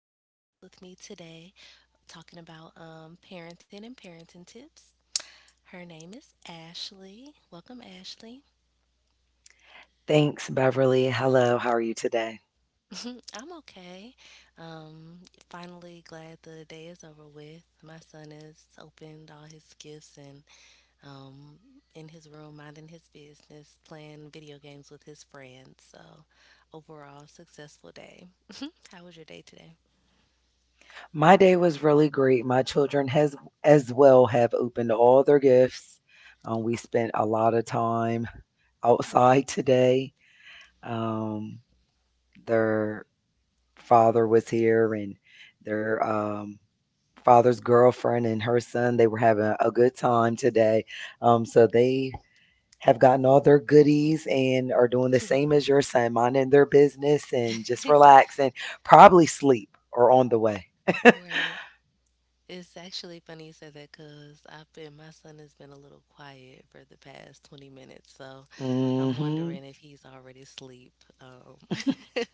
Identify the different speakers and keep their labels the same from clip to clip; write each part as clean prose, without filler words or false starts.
Speaker 1: wonderful host with me today talking about parenting and parenting tips. Her name is Ashley. Welcome, Ashley.
Speaker 2: Thanks, Beverly. Hello, how are you today?
Speaker 1: I'm okay. Um, finally, glad the day is over with. My son has opened all his gifts and um, in his room, minding his business, playing video games with his friends. So, overall, successful day. How was your day today?
Speaker 2: My day was really great. My children has as well have opened all their gifts. We spent a lot of time outside today. Um, their father was here and their father's girlfriend and her son, they were having a good time today. So they have gotten all their goodies and are doing the same as your son, minding their business and just relax and probably sleep or on the way.
Speaker 1: Right. It's actually funny you said that because my son has been a little quiet for the past 20 minutes. So I'm
Speaker 2: Mhm,
Speaker 1: wondering if he's already asleep. Um,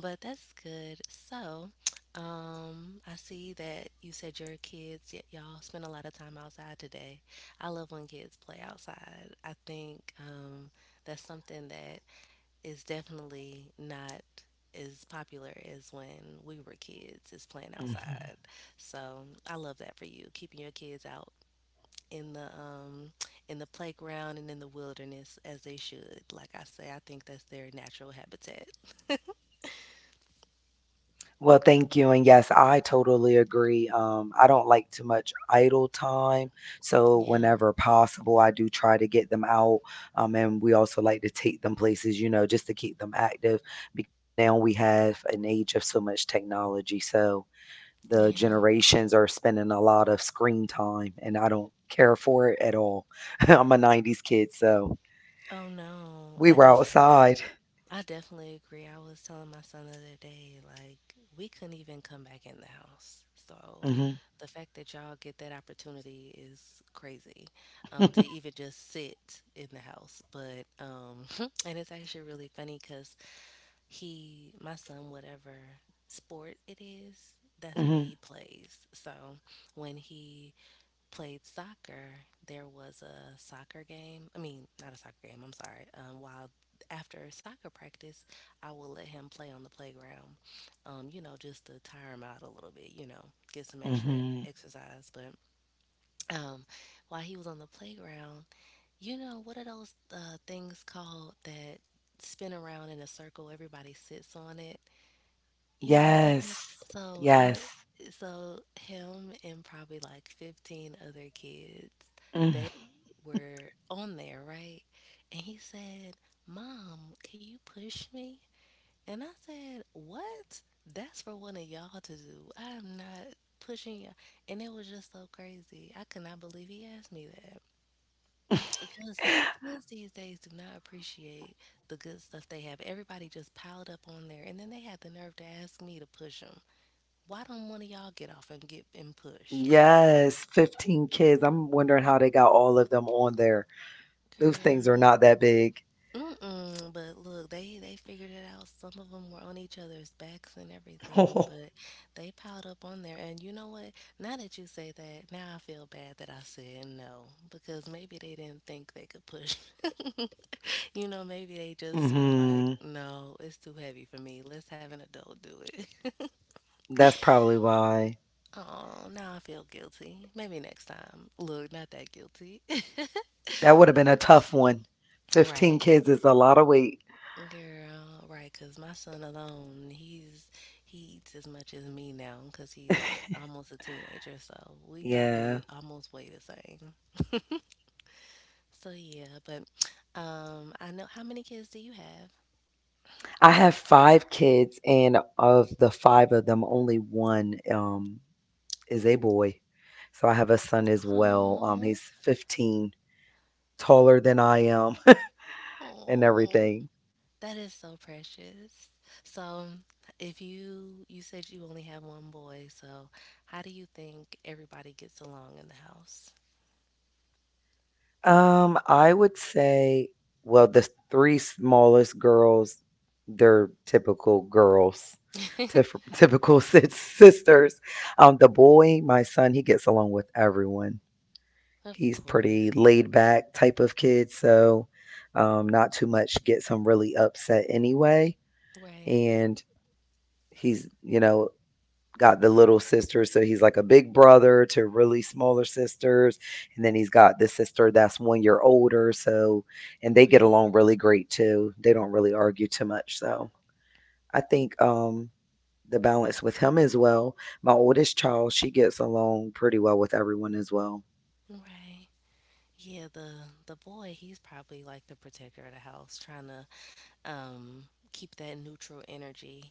Speaker 1: but that's good. So I see that you said your kids, y'all spend a lot of time outside today. I love when kids play outside. I think that's something that is definitely not as popular as when we were kids is playing
Speaker 2: mhm.
Speaker 1: outside. So I love that for you, keeping your kids out in the um in the playground and in the wilderness as they should. Like I say, I think that's their natural habitat.
Speaker 2: Well, thank you. And yes, I totally agree. I don't like too much idle time. So,
Speaker 1: Yeah,
Speaker 2: whenever possible, I do try to get them out. And we also like to take them places, you know, just to keep them active because now we have an age of so much technology. So, the
Speaker 1: yeah.
Speaker 2: generations are spending a lot of screen time, and I don't care for it at all. I'm a 90s kid, so
Speaker 1: Oh no,
Speaker 2: we
Speaker 1: I
Speaker 2: were
Speaker 1: def
Speaker 2: outside.
Speaker 1: I definitely agree. I was telling my son the other day, like, we couldn't even come back in the house. So
Speaker 2: hmm
Speaker 1: the fact that y'all get that opportunity is crazy. To even just sit in the house. But and it's actually really funny because he my son, whatever sport it is, that's what he
Speaker 2: hmm
Speaker 1: plays. So when he played soccer, there was a soccer game. I mean, not a soccer game, I'm sorry. While After soccer practice, I will let him play on the playground, you know, just to tire him out a little bit, you know, get some extra
Speaker 2: hmm
Speaker 1: exercise. But um, while he was on the playground, you know, what are those things called that spin around in a circle? Everybody sits on it, you know what I'm talking about?
Speaker 2: Yes.
Speaker 1: So I'm
Speaker 2: Yes.
Speaker 1: a- so him and probably like 15 other kids,
Speaker 2: Mm.
Speaker 1: they were on there, right? And he said, "Mom, can you push me?" And I said, "What? That's for one of y'all to do. I am not pushing y'all." And it was just so crazy. I could not believe he asked me that. Just kids these days do not appreciate the good stuff they have. Everybody just piled up on there, and then they had the nerve to ask me to push them. Why don't one of y'all get off and get and push?
Speaker 2: Yes. 15 kids. I'm wondering how they got all of them on there. Those things are
Speaker 1: Girl,
Speaker 2: not that big.
Speaker 1: mm-mm. But look, they figured it out. Some of them were on each other's backs and everything, but they piled up on there. And you know what? Now that you say that, now I feel bad that I said no because maybe they didn't think they could push. You know, maybe they just were like,
Speaker 2: hmm
Speaker 1: no, it's too heavy for me. Let's have an adult do it.
Speaker 2: That's probably why.
Speaker 1: Oh, now I feel guilty. Maybe next time. Look, not that guilty.
Speaker 2: That would have been a tough one. 15
Speaker 1: Right.
Speaker 2: kids is a lot of weight.
Speaker 1: Girl, right, 'cause my son alone, he eats as much as me now 'cause he's almost a teenager, so we probably
Speaker 2: Yeah.
Speaker 1: almost weigh the same. So yeah, but I know, how many kids do you have?
Speaker 2: I have 5 kids, and of the 5 of them, only 1, is a boy. So I have a son as well,
Speaker 1: Oh,
Speaker 2: he's 15, taller than I am and
Speaker 1: oh,
Speaker 2: everything.
Speaker 1: that is so precious. So, if you you said you only have one boy, so how do you think everybody gets along in the house?
Speaker 2: I would say well, the 3 smallest girls, they're typical girls, tif typical sis sisters. The boy, my son, he gets along with everyone.
Speaker 1: Of
Speaker 2: He's pretty
Speaker 1: course,
Speaker 2: laid back type of kid, so, not too much gets him really upset anyway,
Speaker 1: right,
Speaker 2: and he's, you know, got the little sister, so he's like a big brother to really smaller sisters, and then he's got this sister that's 1 year older, so and they get
Speaker 1: right,
Speaker 2: along really great too. They don't really argue too much, so I think, the balance with him as well. My oldest child, she gets along pretty well with everyone as well.
Speaker 1: right. Yeah, the boy, he's probably like the protector of the house, trying to um keep that neutral energy.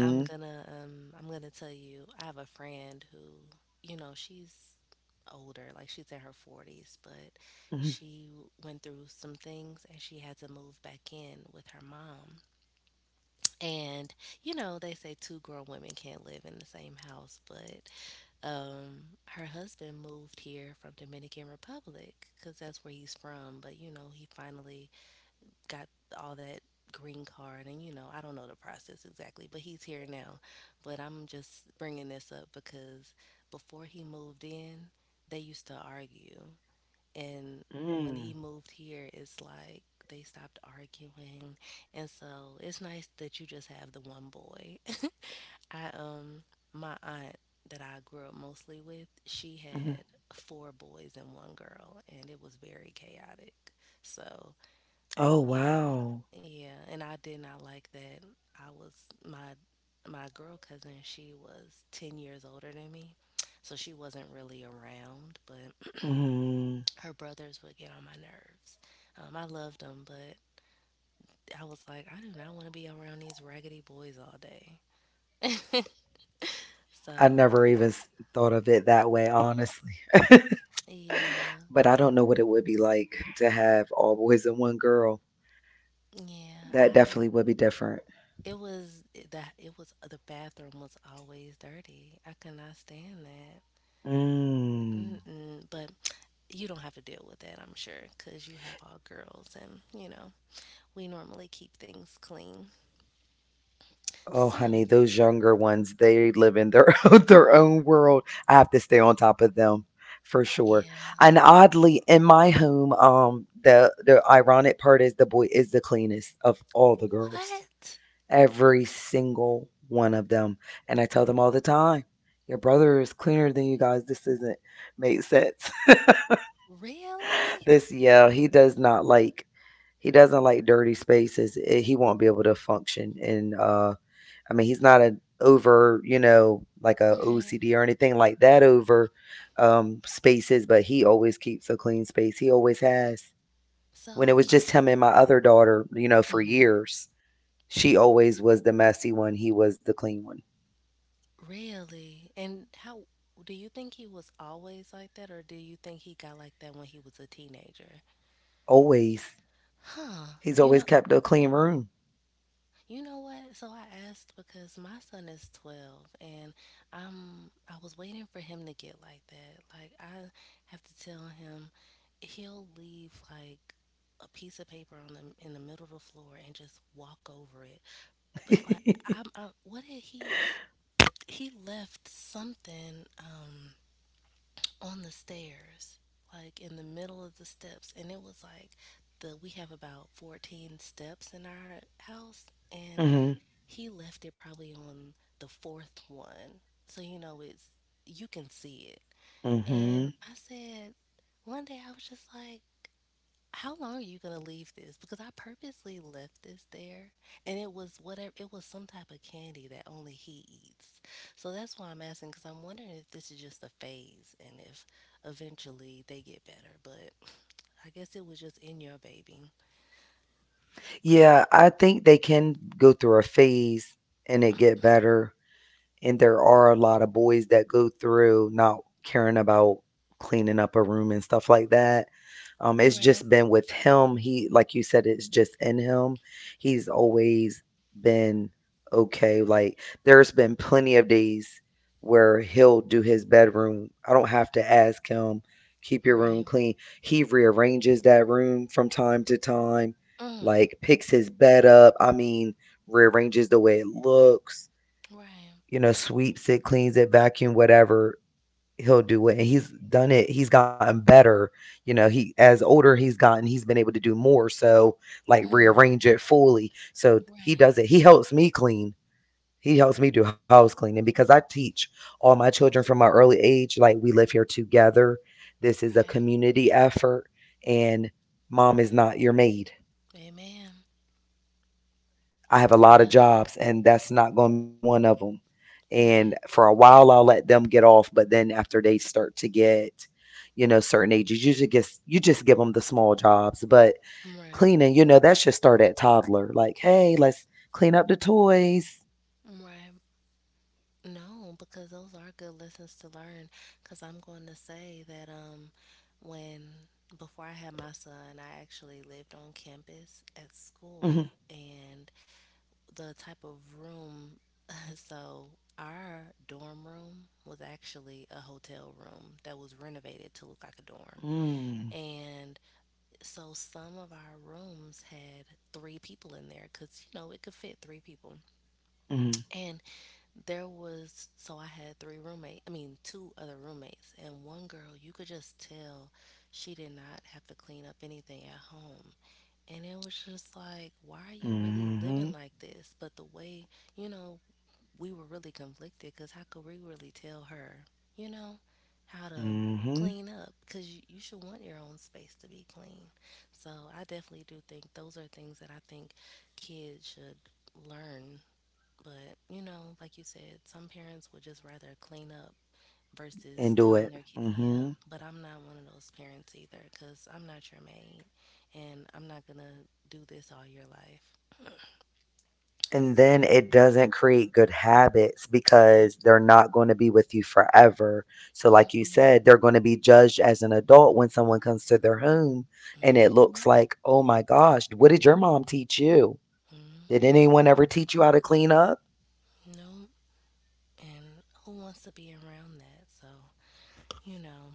Speaker 1: I'm gonna tell you, I have a friend who, you know, she's older, like she's in her 40s, but
Speaker 2: Mhm.
Speaker 1: she went through some things and she had to move back in with her mom. And you know, they say two grown women can't live in the same house, but her husband moved here from Dominican Republic cuz that's where he's from, but you know he finally got all that green card, and you know I don't know the process exactly, but he's here now. But I'm just bringing this up because before he moved in, they used to argue, and when he
Speaker 2: Mm.
Speaker 1: moved here it's like they stopped arguing. And so it's nice that you just have the one boy. I My aunt that I grew up mostly with, she
Speaker 2: Mhm.
Speaker 1: had four boys and one girl, and it was very chaotic. So,
Speaker 2: Oh,
Speaker 1: yeah.
Speaker 2: wow.
Speaker 1: Yeah, and I did not like that. I was my My girl cousin, she was 10 years older than me. So she wasn't really around, but
Speaker 2: Mhm.
Speaker 1: her brothers would get on my nerves. I loved them, but I was like, I do not want to be around these raggedy boys all day.
Speaker 2: I
Speaker 1: So,
Speaker 2: never even s thought of it that way, honestly.
Speaker 1: yeah,
Speaker 2: But I don't know what it would be like to have all boys and one girl.
Speaker 1: yeah,
Speaker 2: That
Speaker 1: I
Speaker 2: definitely would be different.
Speaker 1: it was the bathroom was always dirty. I could not stand that.
Speaker 2: Mm.
Speaker 1: Mm-mm. But you don't have to deal with that, I'm sure, because you have all girls, and you know we normally keep things clean.
Speaker 2: Oh,
Speaker 1: So
Speaker 2: honey, those younger ones, they live in their own, their own world. I have to stay on top of them for sure.
Speaker 1: yeah,
Speaker 2: And oddly, in my home, the ironic part is the boy is the cleanest of all the girls.
Speaker 1: what,
Speaker 2: Every single one of them. And I tell them all the time, your brother is cleaner than you guys. This isn't make sense.
Speaker 1: really?
Speaker 2: Yeah, he does not like, he doesn't like dirty spaces. He won't be able to function. And, I mean, he's not a over, you know, like a
Speaker 1: Right.
Speaker 2: OCD or anything like that over, spaces, but he always keeps a clean space. He always has. When it
Speaker 1: So
Speaker 2: was
Speaker 1: are,
Speaker 2: just him and my other daughter, you know, for
Speaker 1: mhm.
Speaker 2: years, she always was the messy one. He was the clean one.
Speaker 1: Really, and how do you think he was always like that, or do you think he got like that when he was a teenager?
Speaker 2: Always.
Speaker 1: Huh?
Speaker 2: He's
Speaker 1: You
Speaker 2: always
Speaker 1: know,
Speaker 2: kept a clean room.
Speaker 1: you know what? So I asked because my son is 12, and I was waiting for him to get like that. Like I have to tell him, he'll leave like a piece of paper on the in the middle of the floor and just walk over it. But like I'm I, what did he left something on the stairs, like in the middle of the steps, and it was like the we have about 14 steps in our house, and
Speaker 2: Mhm,
Speaker 1: he left it probably on the fourth one. So, you know, it's, you can see it. And
Speaker 2: mhm.
Speaker 1: I said, one day I was just like, how long are you going to leave this? Because I purposely left this there, and it was whatever, it was some type of candy that only he eats. So that's why I'm asking, because I'm wondering if this is just a phase and if eventually they get better. But I guess it was just in your baby.
Speaker 2: Yeah, I think they can go through a phase and it get better. And there are a lot of boys that go through not caring about cleaning up a room and stuff like that. It's
Speaker 1: Right,
Speaker 2: just been with him. He, like you said, it's just in him. He's always been okay. Like there's been plenty of days where he'll do his bedroom. I don't have to ask him, keep your room
Speaker 1: right,
Speaker 2: clean. He rearranges that room from time to time,
Speaker 1: mm,
Speaker 2: like picks his bed up. I mean, rearranges the way it looks,
Speaker 1: right,
Speaker 2: you know, sweeps it, cleans it, vacuum, whatever. He'll do it. And he's done it. He's gotten better. You know, he as older he's gotten, he's been able to do more. So like
Speaker 1: mm,
Speaker 2: rearrange it fully. So he
Speaker 1: right,
Speaker 2: does it. He helps me clean. He helps me do house cleaning because I teach all my children from my early age. Like we live here together. This is a
Speaker 1: right,
Speaker 2: community effort and mom is not your maid.
Speaker 1: Amen.
Speaker 2: I have a lot
Speaker 1: Yeah.
Speaker 2: of jobs, and that's not going to be one of them.
Speaker 1: Right.
Speaker 2: And for a while, I'll let them get off, but then after they start to get, you know, certain ages, you just get, you just give them the small jobs. But
Speaker 1: Right.
Speaker 2: cleaning, you know, that should start at toddler. Like, hey, let's clean up the toys.
Speaker 1: Right. No, because those are good lessons to learn. Because I'm going to say that when before I had my son, I actually lived on campus at
Speaker 2: Mhm.
Speaker 1: school, and the type of room. So our dorm room was actually a hotel room that was renovated to look like a dorm,
Speaker 2: Mm,
Speaker 1: and so some of our rooms had three people in there because you know it could fit three people.
Speaker 2: mhm,
Speaker 1: And there was, so I had three roommates, I mean, two other roommates, and one girl, you could just tell she did not have to clean up anything at home. And it was just like, why are you really living
Speaker 2: mhm,
Speaker 1: like this? But the way, you know, we were really conflicted because how could we really tell her, you know, how to
Speaker 2: mhm,
Speaker 1: clean up? Because you should want your own space to be clean. So I definitely do think those are things that I think kids should learn, but, you know, like you said, some parents would just rather clean up versus
Speaker 2: And do
Speaker 1: telling
Speaker 2: it.
Speaker 1: their kid, yeah. But I'm not one of those parents either, because I'm not your maid and I'm not going to do this all your life.
Speaker 2: And
Speaker 1: So,
Speaker 2: then it doesn't create good habits
Speaker 1: yep.
Speaker 2: because they're not gonna be with you forever. So, like you
Speaker 1: Mm-mm,
Speaker 2: said, they're gonna be judged as an adult when someone comes to their home and it
Speaker 1: mm-hmm,
Speaker 2: looks like, "Oh my gosh, what did your mom teach you? Did
Speaker 1: mm,
Speaker 2: anyone ever teach you how to clean up?"
Speaker 1: nope. And who wants to be around that? So, you know,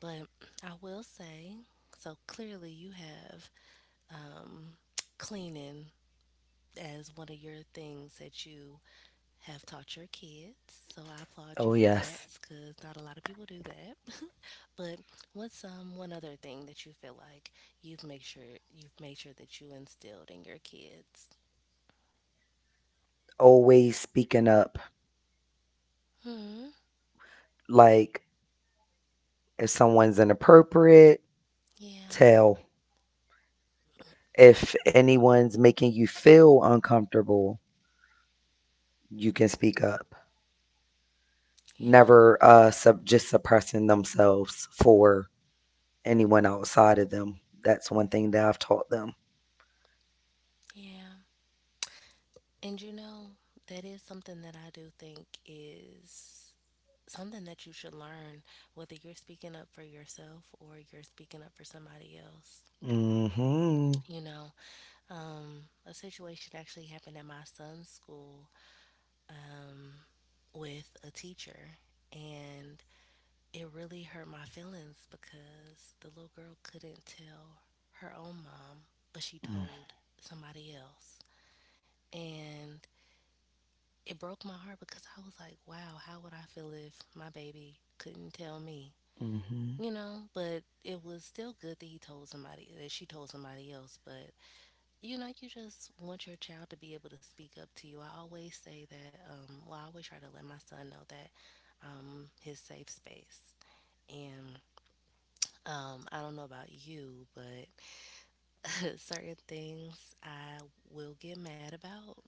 Speaker 1: but I will say, so clearly you have um, cleaning as one of your things that you have taught your kids. So I applaud you
Speaker 2: Oh,
Speaker 1: for that
Speaker 2: yes.
Speaker 1: because not a lot of people do that. But what's one other thing that you feel like you've made sure you've made sure that you instilled in your kids?
Speaker 2: Always speaking up.
Speaker 1: Hmm.
Speaker 2: Like, if someone's inappropriate,
Speaker 1: Yeah.
Speaker 2: tell. If anyone's making you feel uncomfortable, you can speak up.
Speaker 1: Yeah.
Speaker 2: Never sub just suppressing themselves for anyone outside of them. That's one thing that I've taught them.
Speaker 1: Yeah. And you know that is something that I do think is something that you should learn, whether you're speaking up for yourself or you're speaking up for somebody else.
Speaker 2: Mm-hmm.
Speaker 1: You know, a situation actually happened at my son's school, um, with a teacher, and it really hurt my feelings because the little girl couldn't tell her own mom, but she told somebody else. And it broke my heart because I was like, wow, how would I feel if my baby couldn't tell me?
Speaker 2: Mm-hmm.
Speaker 1: You know, but it was still good that she told somebody else. But you know, you just want your child to be able to speak up to you. I always say that, I always try to let my son know that his safe space. And I don't know about you, but certain things I will get mad about.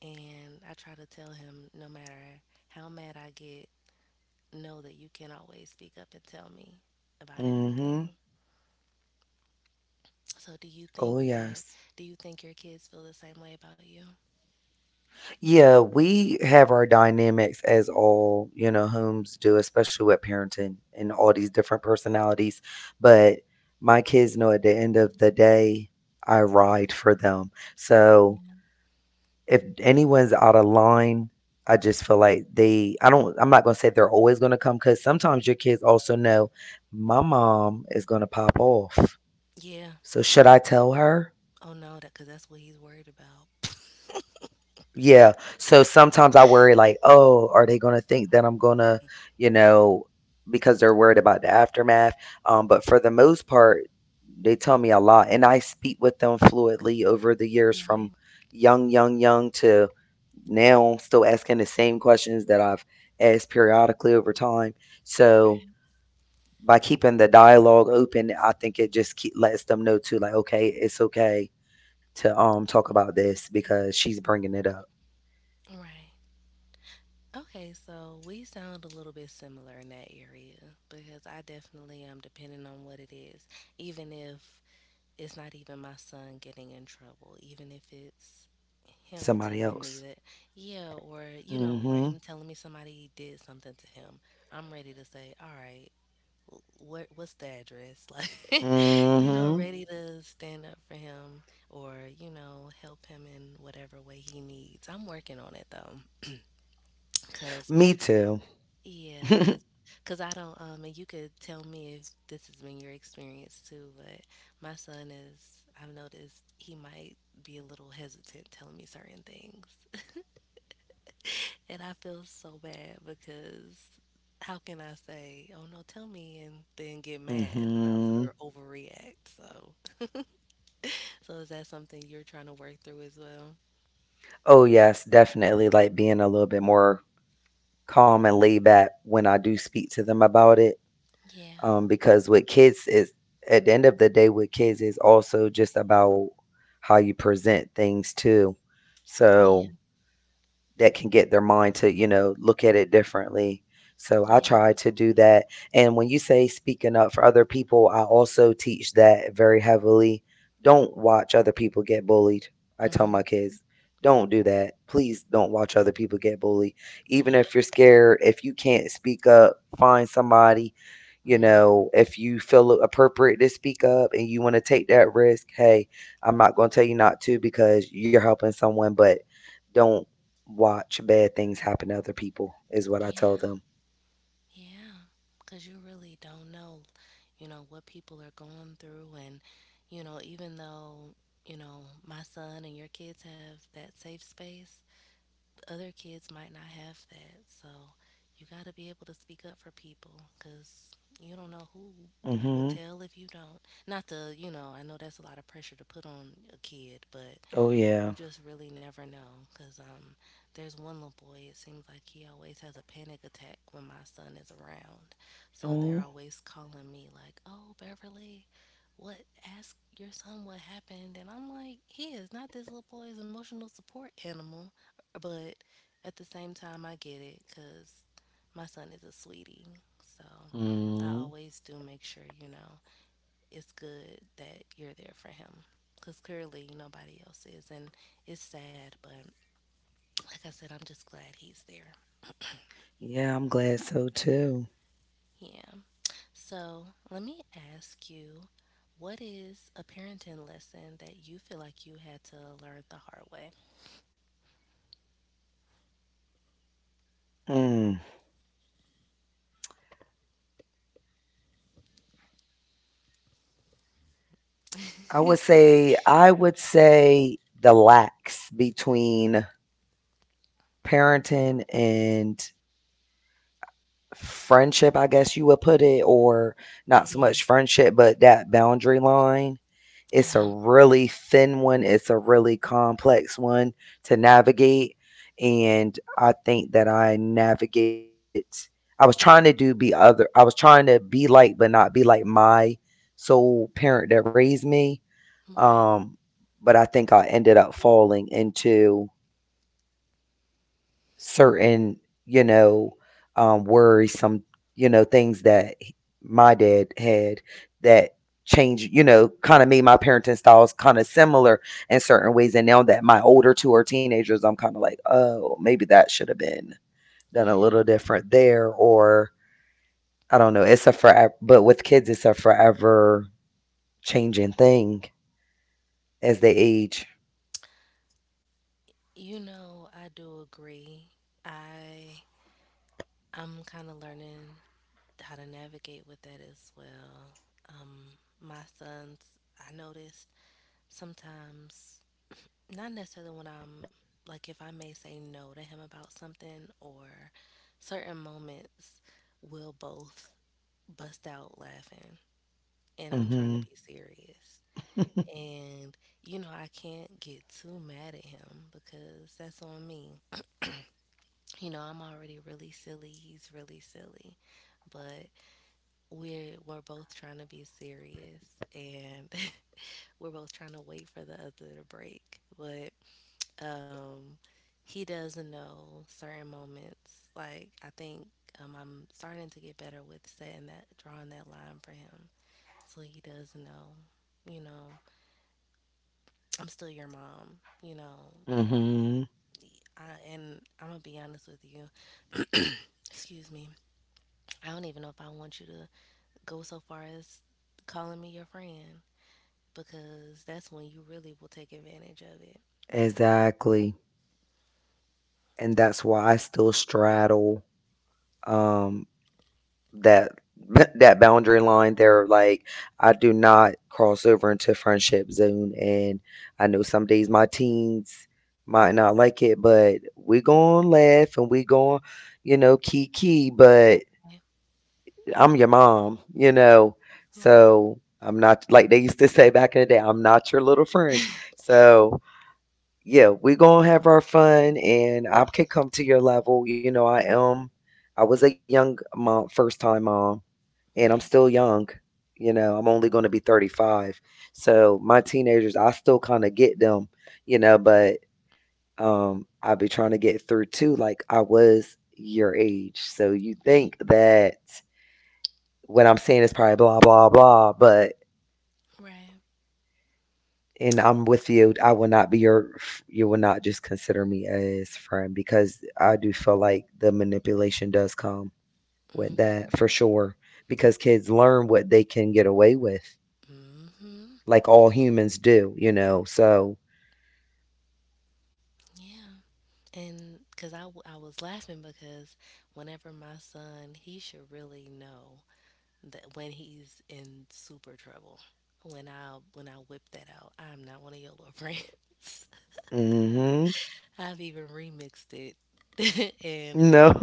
Speaker 1: And I try to tell him, no matter how mad I get, know that you can always speak up and tell me about
Speaker 2: Mm-hmm.
Speaker 1: anything. So do you think
Speaker 2: Oh
Speaker 1: that,
Speaker 2: yes.
Speaker 1: do you think your kids feel the same way about you?
Speaker 2: Yeah, we have our dynamics as all, you know, homes do, especially with parenting and all these different personalities. But my kids know at the end of the day, I ride for them. So if anyone's out of line, I just feel like they I don't I'm not going to say they're always going to come cuz sometimes your kids also know my mom is going to pop off.
Speaker 1: Yeah.
Speaker 2: So should I tell her?
Speaker 1: Oh no, that, because that's what he's worried about.
Speaker 2: Yeah. So sometimes I worry like, oh, are they gonna think that I'm gonna, you know, because they're worried about the aftermath. But for the most part, they tell me a lot, and I speak with them fluently over the years, from
Speaker 1: Right,
Speaker 2: young to now, still asking the same questions that I've asked periodically over time. So
Speaker 1: right.
Speaker 2: by keeping the dialogue open, I think it just keep, lets them know too, like, okay, it's okay to talk about this because she's bringing it up.
Speaker 1: Right. Okay, so we sound a little bit similar in that area because I definitely am, depending on what it is. Even if it's not even my son getting in trouble, even if it's him
Speaker 2: Somebody
Speaker 1: telling me
Speaker 2: else.
Speaker 1: that, yeah, or, you know, or
Speaker 2: Mhm.
Speaker 1: him telling me somebody did something to him, I'm ready to say, all right, what's the address, like, you know,
Speaker 2: Mhm.
Speaker 1: ready to stand up for him or, you know, help him in whatever way he needs. I'm working on it though, because
Speaker 2: Me too.
Speaker 1: yeah, because because I don't and you could tell me if this has been your experience too, but my son is, I've noticed, he might be a little hesitant telling me certain things. And I feel so bad because how can I say, oh no, tell me, and then get mad about
Speaker 2: mhm.
Speaker 1: or overreact? So, so is that something you're trying to work through as well?
Speaker 2: Oh yes, definitely like being a little bit more calm and laid back when I do speak to them about it.
Speaker 1: Yeah,
Speaker 2: Because with kids is at the end of the day with kids is also just about how you present things too.
Speaker 1: yeah,
Speaker 2: So that can get their mind to, you know, look at it differently. So I try
Speaker 1: yeah,
Speaker 2: to do that. And when you say speaking up for other people, I also teach that very heavily. Don't watch other people get bullied. I tell
Speaker 1: mm,
Speaker 2: my kids, don't do that. Please don't watch other people get bullied. Even
Speaker 1: yeah,
Speaker 2: if you're scared, if you can't speak up, find somebody. You
Speaker 1: mm,
Speaker 2: know, if you feel it appropriate to speak up and you want to take that risk, hey, I'm not going to tell you not to because you're helping someone, but don't watch bad things happen to other people is what I tell
Speaker 1: yeah,
Speaker 2: them.
Speaker 1: yeah. Because you really don't know, you know, what people are going through, and you know, even though, you know, my son and your kids have that safe space, other kids might not have that. So you got to be able to speak up for people because you don't know who will
Speaker 2: Mhm.
Speaker 1: tell if you don't. Not to, you know, I know that's a lot of pressure to put on a kid, but
Speaker 2: Oh,
Speaker 1: you
Speaker 2: yeah.
Speaker 1: just really never know because there's one little boy, it seems like he always has a panic attack when my son is around. So they're
Speaker 2: Oh.
Speaker 1: always calling me, like, oh, Beverly, what? Ask your son what happened. And I'm like, he is not this little boy's emotional support animal. But at the same time, I get it because my son is a sweetie. So I
Speaker 2: Mm.
Speaker 1: always do make sure, you know, it's good that you're there for him because clearly nobody else is. And it's sad, but like I said, I'm just glad he's there.
Speaker 2: Yeah, I'm glad so too.
Speaker 1: Yeah. So let me ask you, what is a parenting lesson that you feel like you had to learn the hard way?
Speaker 2: Mm. I would say the lacks between parenting and friendship, I guess you would put it, or not so
Speaker 1: Mhm.
Speaker 2: much friendship, but that boundary line. It's a
Speaker 1: Yeah.
Speaker 2: really thin one, it's a really complex one to navigate. And I think that I navigated it. I was trying to be like, but not be like my sole parent that raised me.
Speaker 1: Right.
Speaker 2: Um, but I think I ended up falling into certain, you know, worries, some, you know, things that my dad had that changed, you know, kind of made my parenting styles kind of similar in certain ways. And now that my older two are teenagers, I'm kind of like, oh, maybe that should have been done a little
Speaker 1: Yeah.
Speaker 2: different there. Or I don't know. It's a forever, but With kids, it's a forever changing thing as they age.
Speaker 1: You know, I do agree. I, I'm kind of learning how to navigate with that as well. My sons, I noticed sometimes, not necessarily when I'm, like if I may say no to him about something or certain moments, we'll both bust out laughing and I'm trying to
Speaker 2: Mm
Speaker 1: be serious. And you know, I can't get too mad at him because that's on me. You know, I'm already really silly, he's really silly. But we're both trying to be serious and we're both trying to wait for the other to break. But Um, he doesn't know certain moments. Like I think, I'm starting to get better with setting that, drawing that line for him, so he doesn't know. You know, I'm still your mom. You know,
Speaker 2: hmm. Mm hmm.
Speaker 1: I, and I'm gonna be honest with you. Excuse me. I don't even know if I want you to go so far as calling me your friend, because that's when you really will take advantage of it.
Speaker 2: Exactly. And that's why I still straddle um that that boundary line there, like I do not cross over into friendship zone. And I know some days my teens might not like it, but we gonna laugh and we gonna, you know, kiki, but
Speaker 1: Right.
Speaker 2: I'm your mom, you know.
Speaker 1: Right.
Speaker 2: So I'm not, like they used to say back in the day, I'm not your little friend. So yeah, we gonna have our fun and I can come to your level, you know. I was a young mom, first time mom, and I'm
Speaker 1: Right.
Speaker 2: still young. You know, I'm only going to be 35. So my teenagers, I still kind of get them, you know, but I be trying to get through too, like I was your age. So you
Speaker 1: Right.
Speaker 2: think that what I'm saying is probably blah blah blah, but
Speaker 1: Right.
Speaker 2: and I'm with you. I will not be your you will not just consider me as friend because I do feel like the manipulation does come with that for
Speaker 1: Mm-hmm.
Speaker 2: sure because kids learn what they can get away with
Speaker 1: Mm-hmm.
Speaker 2: like all humans do, So,
Speaker 1: Yeah. And because I, I was laughing because whenever my son, he should really know that when he's in super trouble. When I whip that out, I'm not one of your little friends.
Speaker 2: mhm.
Speaker 1: I've even remixed it, and
Speaker 2: No.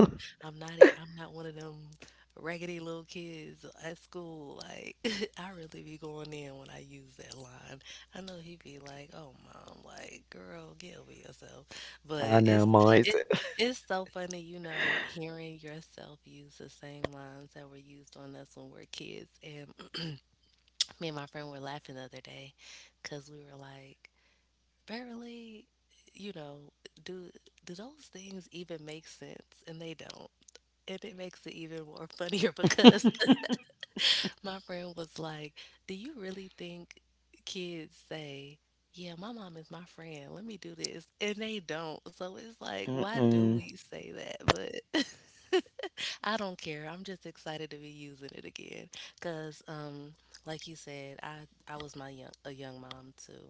Speaker 1: I'm not a, I'm not one of them raggedy little kids at school. Like I really be going in when I use that line. I know he be like, "Oh mom, like girl, get over yourself." But
Speaker 2: I
Speaker 1: it's
Speaker 2: know mine.
Speaker 1: it it's so funny, you know, hearing yourself use the same lines that were used on us when we are kids. And me and my friend were laughing the other day because we were like, Beverly, you know, do do those things even make sense? And they don't. And it makes it even more funnier because my friend was like, do you really think kids say, 'Yeah, my mom is my friend. Let me do this.' And they don't. So it's like, why do
Speaker 2: Mm-mm.
Speaker 1: we say that? But I don't care. I'm just excited to be using it again. Cause like you said, I was my young a young mom too.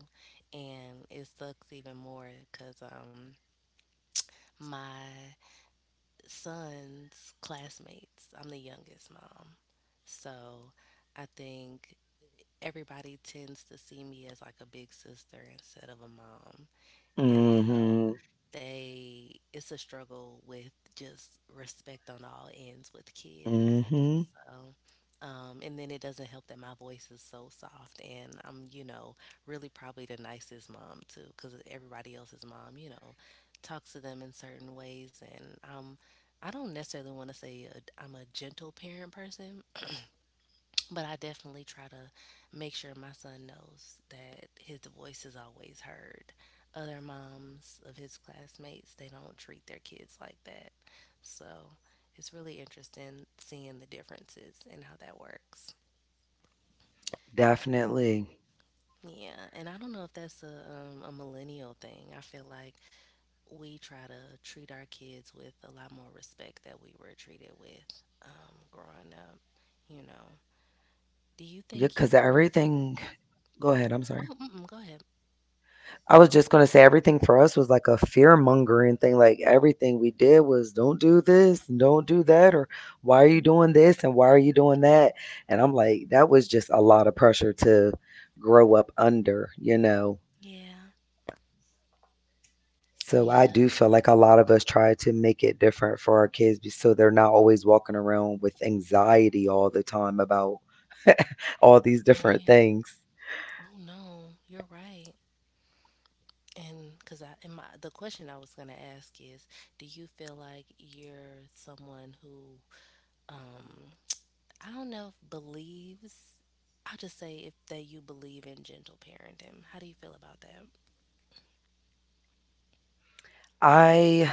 Speaker 1: And it sucks even more because my son's classmates, I'm the youngest mom. So I think everybody tends to see me as like a big sister instead of a mom. And so
Speaker 2: Mhm. Mm.
Speaker 1: they, it's a struggle with just respect on all ends with kids.
Speaker 2: Mhm.
Speaker 1: So, and then it doesn't help that my voice is so soft, and I'm, you know, really probably the nicest mom too, because everybody else's mom, you know, talks to them in certain ways, and I don't necessarily want to say I'm a gentle parent person. But I definitely try to make sure my son knows that his voice is always heard. Other moms of his classmates, they don't treat their kids like that. So it's really interesting seeing the differences and how that works.
Speaker 2: Definitely.
Speaker 1: Yeah, and I don't know if that's a millennial thing. I feel like we try to treat our kids with a lot more respect that we were treated with, growing up, you know. Do you
Speaker 2: Yeah,
Speaker 1: think
Speaker 2: because
Speaker 1: you,
Speaker 2: everything. Go ahead. I'm sorry.
Speaker 1: oh, mm-mm, go ahead.
Speaker 2: I was just gonna say everything for us was like a fear mongering thing. Like everything we did was don't do this and don't do that, or why are you doing this and why are you doing that? And I'm like, that was just a lot of pressure to grow up under,
Speaker 1: Yeah,
Speaker 2: So I
Speaker 1: yeah,
Speaker 2: do feel like a lot of us try to make it different for our kids so they're not always walking around with anxiety all the time about all these different
Speaker 1: right.
Speaker 2: things.
Speaker 1: Oh no, you're right. And because I, in my, the question I was gonna ask is, do you feel like you're someone who, um, I don't know if believes, I'll just say, if that you believe in gentle parenting. How do you feel about that?
Speaker 2: I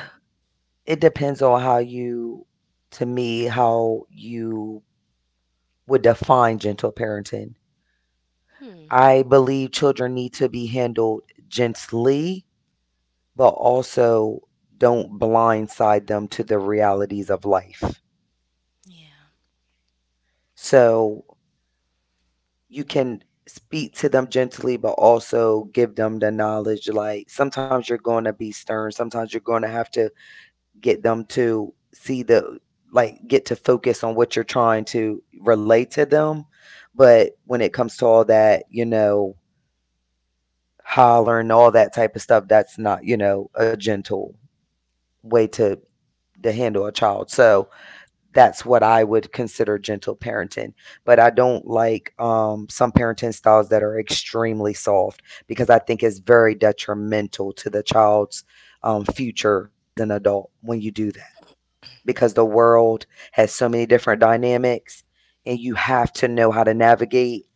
Speaker 2: It depends on how you to me how you would define gentle parenting.
Speaker 1: Hmm.
Speaker 2: I believe children need to be handled gently, but also don't blindside them to the realities of life.
Speaker 1: Yeah.
Speaker 2: So you can speak to them gently but also give them the knowledge like sometimes you're going to be stern, sometimes you're going to have to get them to see the like get to focus on what you're trying to relate to them, but when it comes to all that, hollering, all that type of stuff, that's not, a gentle way to handle a child, so that's what I would consider gentle parenting. But I don't like some parenting styles that are extremely soft because I think it's very detrimental to the child's future as an adult when you do that because the world has so many different dynamics and you have to know how to navigate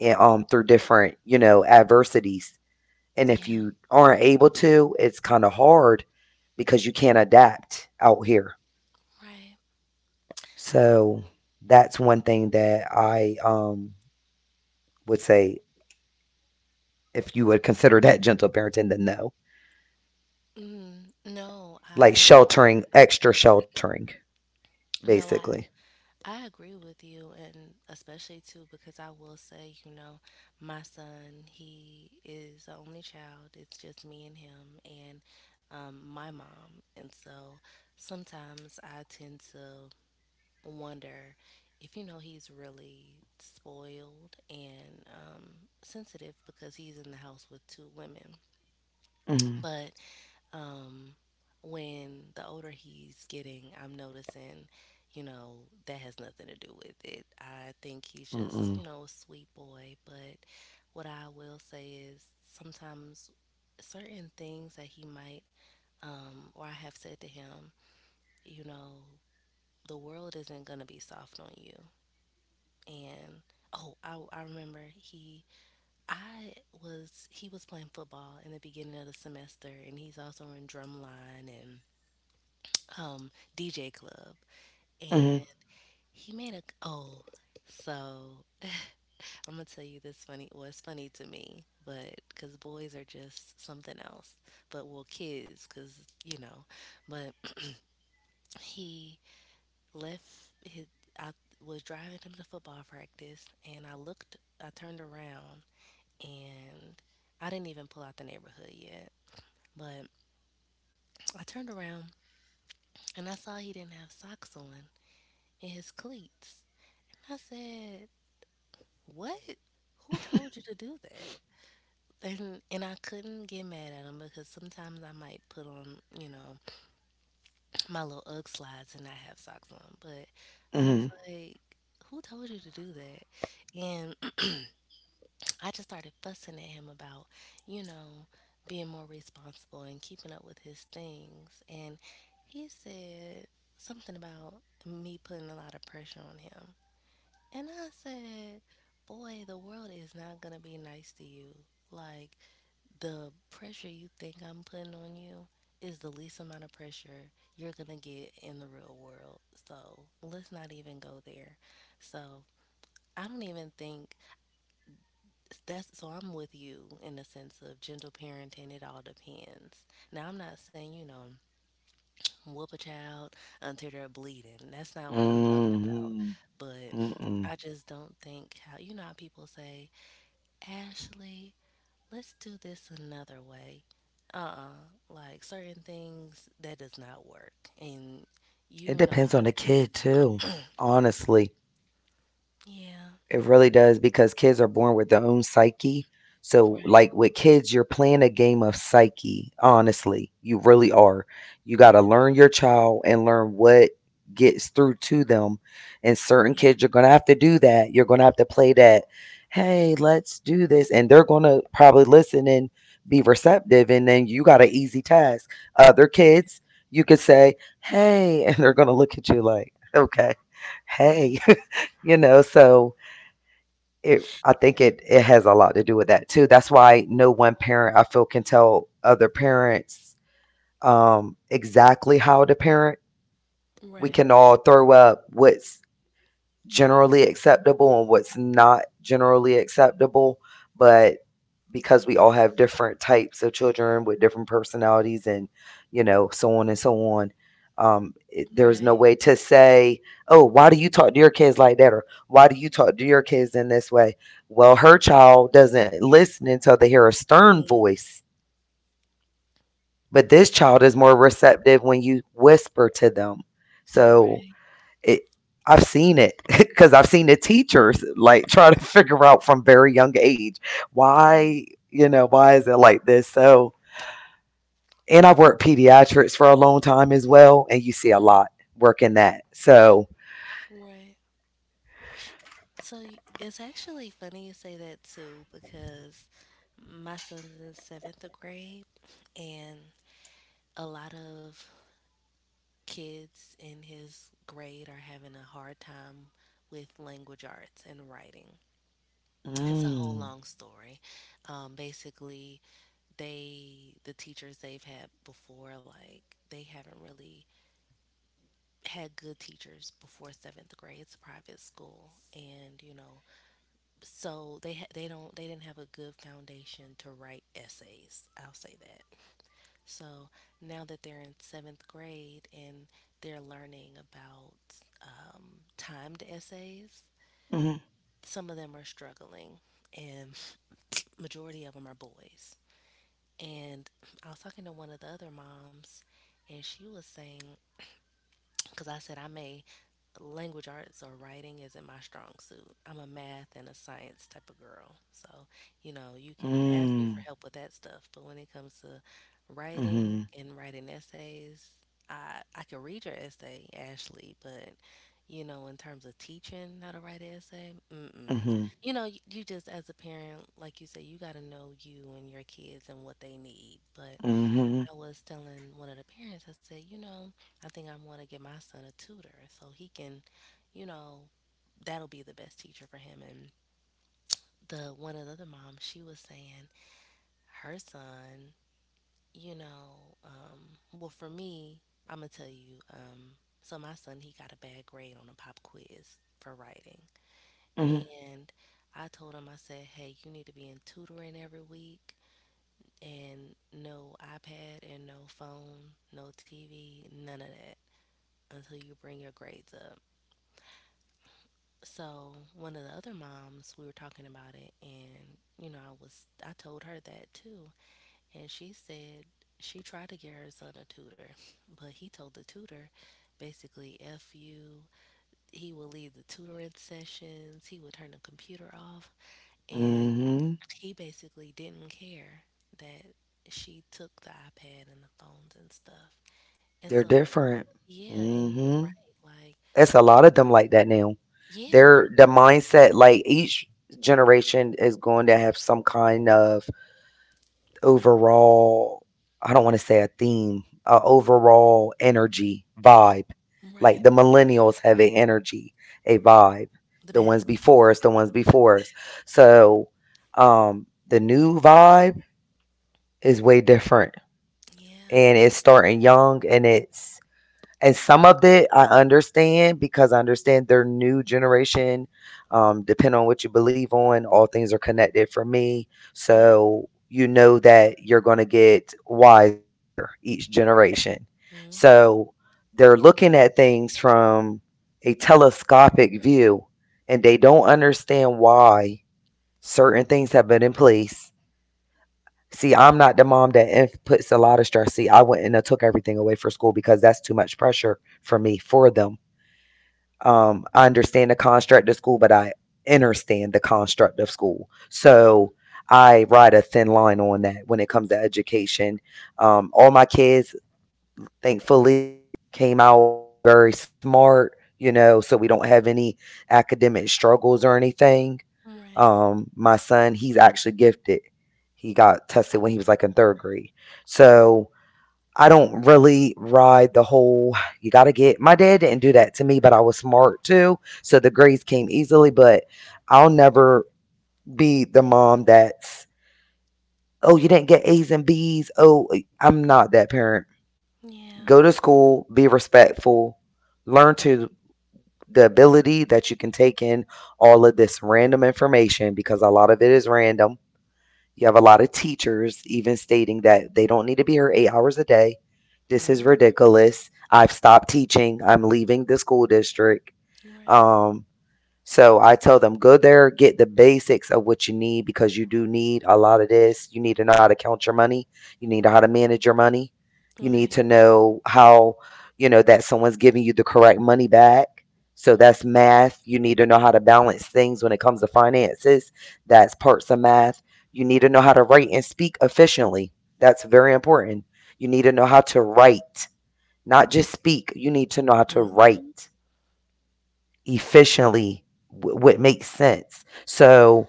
Speaker 2: and, through different, adversities. And if
Speaker 1: Yeah.
Speaker 2: you aren't able to, it's kind of hard because you can't adapt out here.
Speaker 1: Right.
Speaker 2: So that's one thing that I would say if you would consider that gentle parenting, then no,
Speaker 1: Mm, no,
Speaker 2: like
Speaker 1: I,
Speaker 2: sheltering, extra sheltering,
Speaker 1: no, I
Speaker 2: basically.
Speaker 1: I agree with you, and especially too, because I will say, you know, my son, he is the only child. It's just me and him, and my mom. And so sometimes I tend to wonder if, you know, he's really spoiled and sensitive because he's in the house with two women.
Speaker 2: Mm-hmm.
Speaker 1: But um, when the older he's getting, I'm noticing, you know, that has nothing to do with it. I think he's just,
Speaker 2: Mm-mm.
Speaker 1: you know, a sweet boy. But what I will say is sometimes certain things that he might, or I have said to him, you know, the world isn't going to be soft on you. And oh, I remember he, I was, he was playing football in the beginning of the semester, and he's also in drumline and um DJ club
Speaker 2: Mm-hmm.
Speaker 1: and he made a oh, so I'm gonna tell you this funny. Well, it's funny to me, but because boys are just something else, but well kids, because you know, but he left his, I was driving him to football practice and I looked, I turned around, and I didn't even pull out the neighborhood yet, but I turned around and I saw he didn't have socks on in his cleats. And I said, what? Who told you to do that? And I couldn't get mad at him because sometimes I might put on, you know, my little UGG slides and not have socks on. But I
Speaker 2: Mm-hmm.
Speaker 1: was like, who told you to do that? And I just started fussing at him about, you know, being more responsible and keeping up with his things. And he said something about me putting a lot of pressure on him. And I said, boy, the world is not going to be nice to you. Like, the pressure you think I'm putting on you is the least amount of pressure you're going to get in the real world. So, let's not even go there. So, I don't even think that's so. I'm with you in the sense of gentle parenting, it all depends. Now, I'm not saying, you know, whoop a child until they're bleeding. That's not what I'm talking about.
Speaker 2: Mm-hmm.
Speaker 1: But
Speaker 2: Mm-mm.
Speaker 1: I just don't think how, you know, how people say, Ashley, let's do this another way. Uh-uh. Like certain things that does not work. And you
Speaker 2: It
Speaker 1: know
Speaker 2: depends
Speaker 1: how
Speaker 2: on the
Speaker 1: that
Speaker 2: kid too, honestly.
Speaker 1: Yeah.
Speaker 2: It really does because kids are born with their own psyche. So,
Speaker 1: Right.
Speaker 2: like with kids, you're playing a game of psyche, honestly. You really are. You got
Speaker 1: Yeah.
Speaker 2: to learn your child and learn what gets through to them. And certain
Speaker 1: Yeah.
Speaker 2: kids, you're going to have to do that. You're going to have to play that, hey, let's do this. And they're going to probably listen and be receptive. And then you got an easy task. Other kids, you could say, hey, and they're going to look at you like, okay,
Speaker 1: Right.
Speaker 2: hey, so I think it has a lot to do with that too. That's why no one parent I feel can tell other parents exactly how to parent. We
Speaker 1: Right.
Speaker 2: can all throw up what's generally acceptable and what's not generally acceptable, but because we all have different types of children with different personalities and so on and so on, there's
Speaker 1: Right.
Speaker 2: no way to say, oh, why do you talk to your kids like that, or why do you talk to your kids in this way? Well, her child doesn't listen until they hear a stern
Speaker 1: Mm.
Speaker 2: voice, but this child is more receptive when you whisper to them. So
Speaker 1: Right.
Speaker 2: it, I've seen it because I've seen the teachers like try to figure out from very young age
Speaker 1: Right.
Speaker 2: why, why is it like this? So, and I've worked pediatrics for a long time as well, and you see a
Speaker 1: Mm.
Speaker 2: lot working that. So,
Speaker 1: Right. So it's actually funny you say that too because my son's in seventh grade and a lot of kids in his grade are having a hard time with language arts and writing. It's a whole
Speaker 2: mm,
Speaker 1: long story. Basically, they the teachers they've had before, like they haven't really had good teachers before seventh grade. It's a private school, and you know, so they don't they didn't have a good foundation to write essays. I'll say that. So now that they're in seventh grade and they're learning about um, timed essays,
Speaker 2: mm,
Speaker 1: some of them are struggling, and majority of them are boys. And I was talking to one of the other moms, and she was saying, because I said, I may language arts or writing isn't my strong suit. I'm a math and a science type of girl. So, you know, you can ask me
Speaker 2: mm,
Speaker 1: for help with that stuff, but when it comes to
Speaker 2: mm,
Speaker 1: writing
Speaker 2: mm,
Speaker 1: and writing essays, I can read your essay, Ashley, but you know, in terms of teaching how to write an essay, mm-mm. You know, you just as a parent, like you say, you got to know you and your kids and what they need. But
Speaker 2: mm,
Speaker 1: I was telling one of the parents, I said, you know, I think I'm going to get my son a tutor so he can, you know, that'll be the best teacher for him. And the one of the other moms, she was saying her son, you know, um, well, for me, I'm going to tell you, so my son, he got a bad grade on a pop quiz for writing.
Speaker 2: mm,
Speaker 1: And I told him, I said, hey, you need to be in tutoring every week and no iPad and no phone, no TV, none of that, until you bring your grades up. So one of the other moms, we were talking about it, and you know, I told her that too, and she said she tried to get her son a tutor, but he told the tutor basically f you. He would leave the tutoring sessions. He would turn the computer off, and
Speaker 2: mm,
Speaker 1: he basically didn't care that she took the iPad and the phones and stuff. And
Speaker 2: they're
Speaker 1: so
Speaker 2: different.
Speaker 1: yeah, and you're
Speaker 2: Mm-hmm.
Speaker 1: right, like
Speaker 2: It's a lot of them like that now.
Speaker 1: yeah,
Speaker 2: They're the mindset like each generation is going to have some kind of overall I don't want to say a theme, a overall energy vibe. Like
Speaker 1: Right.
Speaker 2: the millennials have an energy, a vibe.
Speaker 1: The
Speaker 2: The ones
Speaker 1: best.
Speaker 2: before us, the ones before us. So the new vibe is way different
Speaker 1: Yeah.
Speaker 2: and it's starting young, and it's and some of it I understand because I understand their new generation. Depending on what you believe on, all things are connected for me.
Speaker 1: Yeah.
Speaker 2: So you know that you're going to get wiser each generation.
Speaker 1: Mhm.
Speaker 2: So they're looking at things from a telescopic view and they don't understand why certain things have been in place. See, I'm not the mom that puts a lot of stress. See, I went and I took everything away for school because that's too much pressure for me for them. I understand the construct of school, but I understand the construct of school.
Speaker 1: Yeah.
Speaker 2: So I ride a thin line on that when it comes to education. All my kids, thankfully, came out very smart, so we don't have any academic struggles or anything,
Speaker 1: Right.
Speaker 2: my son, he's actually gifted. He got tested when he was like in third grade.
Speaker 1: Mm.
Speaker 2: So I don't really ride the whole, you got to get, my dad didn't do that to me, but I was smart too. So the grades came easily, but I'll never be the mom that's, oh, you didn't get A's and B's. Oh, I'm not that parent.
Speaker 1: Yeah.
Speaker 2: Go to school, be respectful, learn to the ability that you can take in all of this random information because a lot of it is random. You have a lot of teachers even stating that they don't need to be here 8 hours a day. This is
Speaker 1: Mhm.
Speaker 2: ridiculous. I've stopped teaching. I'm leaving the school district.
Speaker 1: Right.
Speaker 2: Um, so I tell them, go there, get the basics of what you need because you do need a lot of this. You need to know how to count your money. You need to know how to manage your money. You need
Speaker 1: Right.
Speaker 2: to know how, that someone's giving you the correct money back. So
Speaker 1: Right.
Speaker 2: that's math. You need to know how to balance things when it comes to finances. That's parts of math. You need to know how to write and speak efficiently. That's very important. You need to know how to write, not just speak. You need to know how to write
Speaker 1: Mhm.
Speaker 2: efficiently what makes sense. So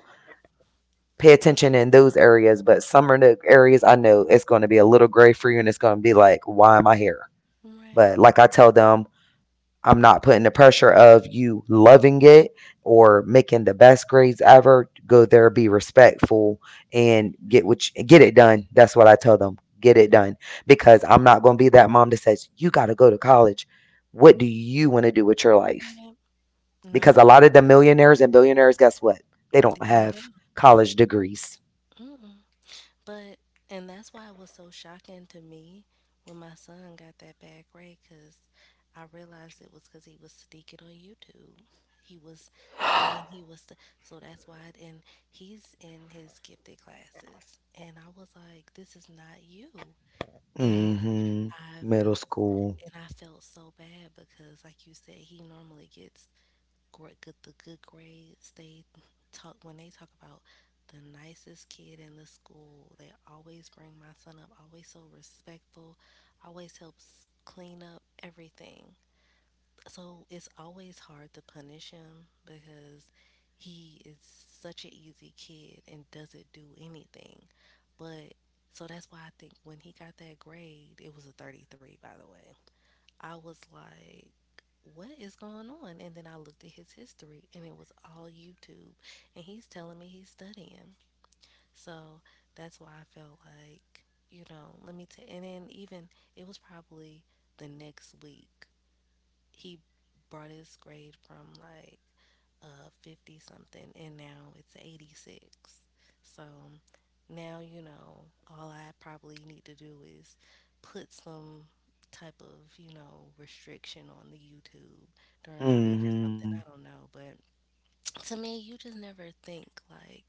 Speaker 2: pay attention in those areas. But some of the areas I know it's going to be a little gray for you and it's going to be like, why am I here?
Speaker 1: Right.
Speaker 2: But like I tell them, I'm not putting the pressure of you loving it or making the best grades ever. Go there, be respectful, and get what you, get it done. That's what I tell them. Get it done because I'm not going to be that mom that says you got to go to college. What do you want to do with your life?
Speaker 1: Right.
Speaker 2: Because a
Speaker 1: No.
Speaker 2: lot of the millionaires and billionaires, guess what? They don't
Speaker 1: Didn't go.
Speaker 2: have college degrees.
Speaker 1: Mm-mm. But and that's why it was so shocking to me when my son got that bad grade, because I realized it was because he was sneaking on YouTube. He was saying he was so that's why it- and He's in his gifted classes and I was like, this is not you. And
Speaker 2: Hmm.
Speaker 1: I
Speaker 2: Middle
Speaker 1: felt
Speaker 2: school.
Speaker 1: and I felt so bad because, like you said, he normally gets great, good the good grades. They talk about the nicest kid in the school. They always bring my son up. Always so respectful. Always helps clean up everything. So it's always hard to punish him because he is such an easy kid and doesn't do anything. But so that's why I think when he got that grade, it was a 33, by the way. I was like, what is going on? And then I looked at his history and it was all YouTube. And he's telling me he's studying. So that's why I felt like, you know, let me tell. And then even it was probably the next week. He brought his grade from like 50 something and now it's 86. So now, you know, all I probably need to do is put some type of, you know, restriction on the YouTube during the week or something.
Speaker 2: Hmm.
Speaker 1: I don't know. But to me, you just never think like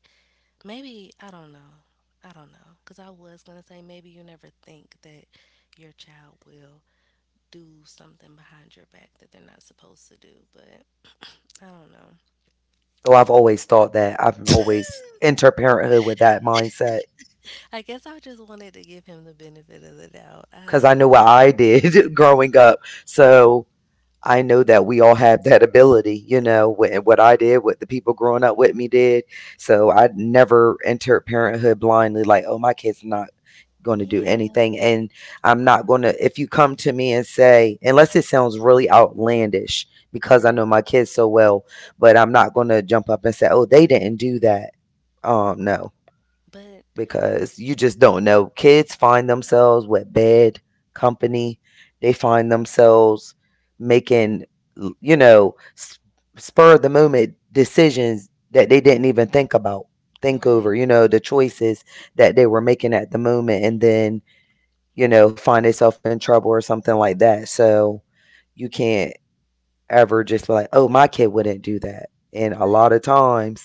Speaker 1: maybe, I don't know. I don't know. Because I was going to say maybe you never think that your child will do something behind your back that they're not supposed to do. But I don't know.
Speaker 2: Oh, I've always thought that. I've
Speaker 1: Like,
Speaker 2: always entered parenthood with that mindset
Speaker 1: I guess I just wanted to give him the benefit of the doubt. I
Speaker 2: because I
Speaker 1: don't know.
Speaker 2: knew what I did growing up. So I know that we all have that ability, and what I did, what the people growing up with me did. So I never entered parenthood blindly, like, oh, my kid's not going to do
Speaker 1: Yeah.
Speaker 2: anything. And I'm not going to, if you come to me and say, unless it sounds really outlandish, because I
Speaker 1: Right.
Speaker 2: know my kids so well, but I'm not going to jump up and say, oh, they didn't do that. No,
Speaker 1: But
Speaker 2: because you just don't know. Kids find themselves with bad company. They find themselves making, you know, s- spur of the moment decisions that they didn't even think about, think over,
Speaker 1: right.
Speaker 2: the choices that they were making at the moment and then, find themselves in trouble or something like that. So you can't ever just be like, oh, my kid wouldn't do that. And a
Speaker 1: But
Speaker 2: lot of times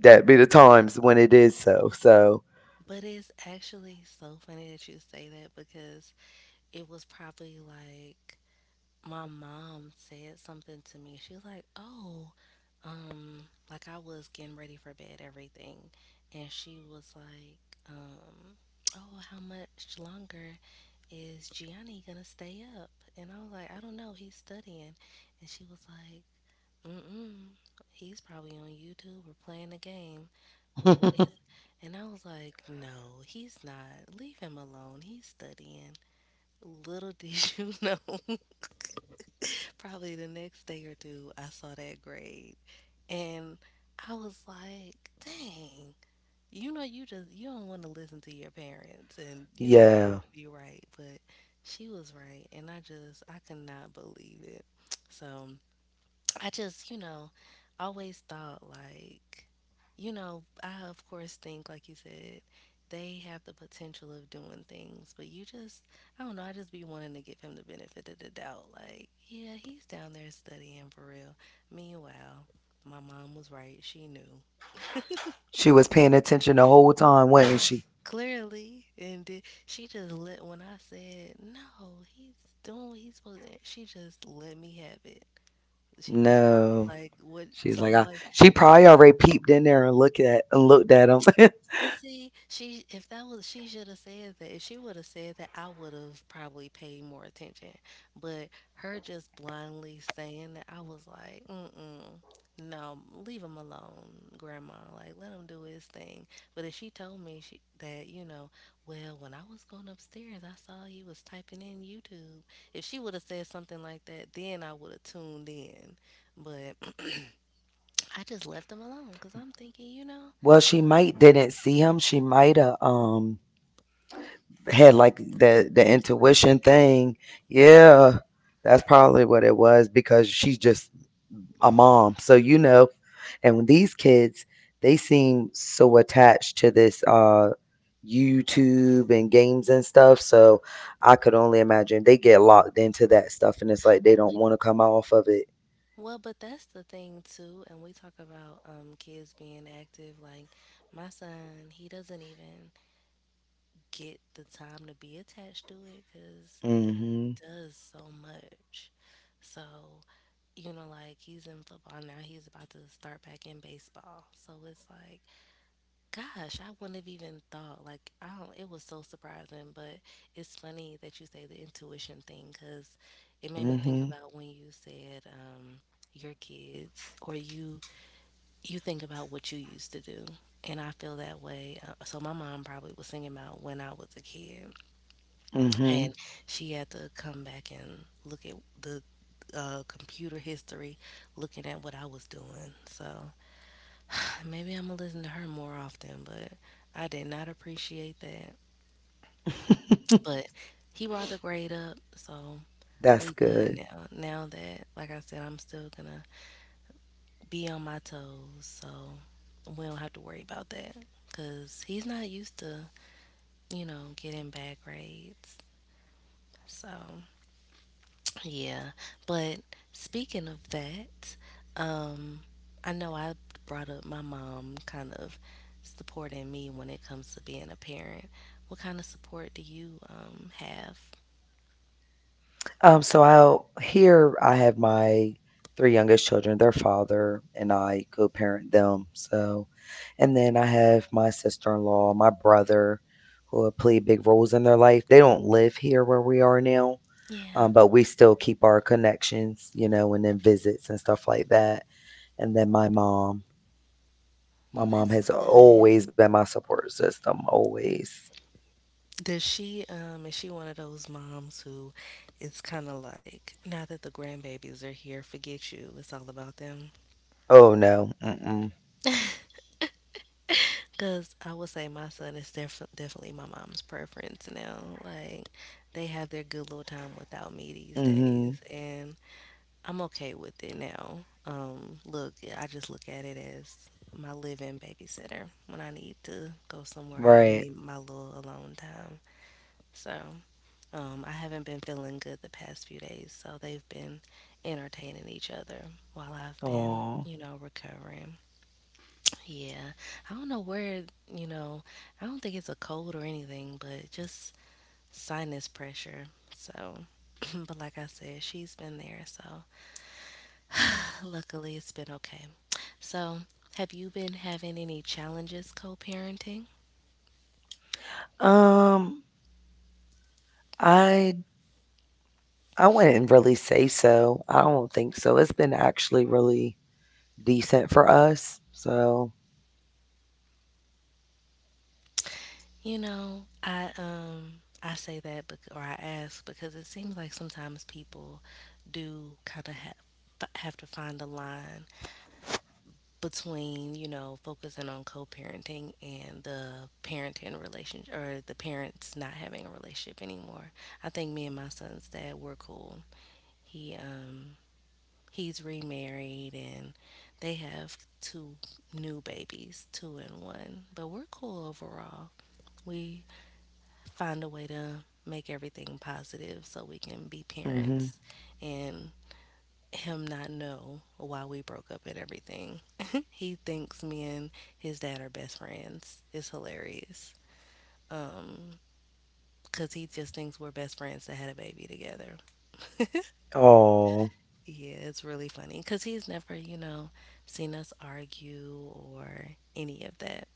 Speaker 2: that be the times when it is so. So
Speaker 1: but it's actually so funny that you say that because it was probably like my mom said something to me. She was like, "Oh, um, like I was getting ready for bed, everything." And she was like, um oh, how much longer is Gianni gonna stay up? And I was like, I don't know, he's studying. And she was like, mm-mm. He's probably on YouTube or playing a game with one of his. And I was like, no, he's not. Leave him alone. He's studying. Little did you know, probably the next day or two, I saw that grade. And I was like, dang, you know, you don't want to listen to your parents and you don't want
Speaker 2: Yeah.
Speaker 1: them to be right. But she was right. And I could not believe it. So. You know, always thought like, you know, I of course think, like you said, they have the potential of doing things, but you just, I don't know, I just be wanting to give him the benefit of the doubt. Like, yeah, he's down there studying for real. Meanwhile, my mom was right. She knew.
Speaker 2: She was paying attention the whole time, wasn't she?
Speaker 1: Clearly, and she just let, when I said no, he's doing what he's supposed to. She just let me have it. She was probably
Speaker 2: No.
Speaker 1: like, "What?"
Speaker 2: She's like,
Speaker 1: Something like,
Speaker 2: she probably already peeped in there and looked at him.
Speaker 1: but see, she if that was, she should have said that. If she would have said that, I would have probably paid more attention. But her just blindly saying that, I was like, mm-mm, no, leave him alone, Grandma. Like let him do his thing. But if she told me you know, well, when I was going upstairs, I saw he was typing in YouTube. If she would have said something like that, then I would have tuned in. But I just left him alone because I'm thinking, you know,
Speaker 2: Well, she might didn't see him. She might have had like the
Speaker 1: intuition.
Speaker 2: intuition thing.
Speaker 1: Yeah,
Speaker 2: Yeah, that's probably what it was because she just a mom. So, and when these kids, they seem so attached to this YouTube and games and stuff. So I could only imagine they get locked into that stuff and it's like they don't want to come off of it.
Speaker 1: well, but that's the thing too, and we talk about kids being active. Like my son, he doesn't even get the time to be attached to it because
Speaker 2: Mhm.
Speaker 1: does so much. So you know, like he's in football now. He's about to start back in baseball. So it's like, gosh, I wouldn't have even thought. Like I don't. It was so surprising, but it's funny that you say the intuition thing because it made me think
Speaker 2: Mhm.
Speaker 1: about when you said, your kids or you think about what you used to do. And I feel that way. So my mom probably was thinking about when I was a kid, and
Speaker 2: Mhm.
Speaker 1: she had to come back and look at the computer history, looking at what I was doing. So maybe I'm gonna listen to her more often. But I did not appreciate that. But he brought the grade up, so
Speaker 2: That's
Speaker 1: we good
Speaker 2: good.
Speaker 1: now. Now that, like I said, I'm still gonna be on my toes, so we don't have to worry about that. Cause he's not used to, you know, getting bad grades. So, yeah. But speaking of that, um, I know I brought up my mom kind of supporting me when it comes to being a parent. What kind of support do you have?
Speaker 2: So I'll here I have my three youngest children, their father and I co-parent them. So, and then I have my sister-in-law, my brother, who have played big roles in their life. They don't live here where we are now,
Speaker 1: Yeah.
Speaker 2: but we still keep our connections, you know, and then visits and stuff like that. And then my
Speaker 1: Well,
Speaker 2: mom
Speaker 1: that's
Speaker 2: has
Speaker 1: good.
Speaker 2: always been my support system, always.
Speaker 1: Does she is she one of those moms who is kind of like, now that the grandbabies are here, forget you. It's all about them.
Speaker 2: Oh no, mm-mm,
Speaker 1: Because I would say my son is definitely my mom's preference now. Like, they have their good little time without me these
Speaker 2: mm-hmm,
Speaker 1: days, and I'm okay with it now. Look, yeah, I just look at it as my live-in babysitter when I need to go somewhere, have me
Speaker 2: right.
Speaker 1: my little alone time. So, I haven't been feeling good the past few days, so they've been entertaining each other while I've been,
Speaker 2: Oh,
Speaker 1: you know, recovering. Yeah, I don't know where, you know, I don't think it's a cold or anything, but just sinus pressure. So, but like I said, she's been there, so luckily it's been okay. So, have you been having any challenges co-parenting?
Speaker 2: um. I I wouldn't really say so. I don't think so. It's been actually really decent for us. So,
Speaker 1: You know, I say that or I ask because it seems like sometimes people do kind of have to find a line between, you know, focusing on co-parenting and the parenting relationship or the parents not having a relationship anymore. I think me and my son's dad were cool. He he's remarried and they have two new babies, two and one, but we're cool overall. We find a way to make everything positive so we can be
Speaker 2: mhm.
Speaker 1: parents and him not know why we broke up and everything. He thinks me and his dad are best friends. It's hilarious. Um, cause he just thinks we're best friends that had a baby together.
Speaker 2: Oh.
Speaker 1: Yeah, it's really funny because he's never, you know, seen us argue or any of that.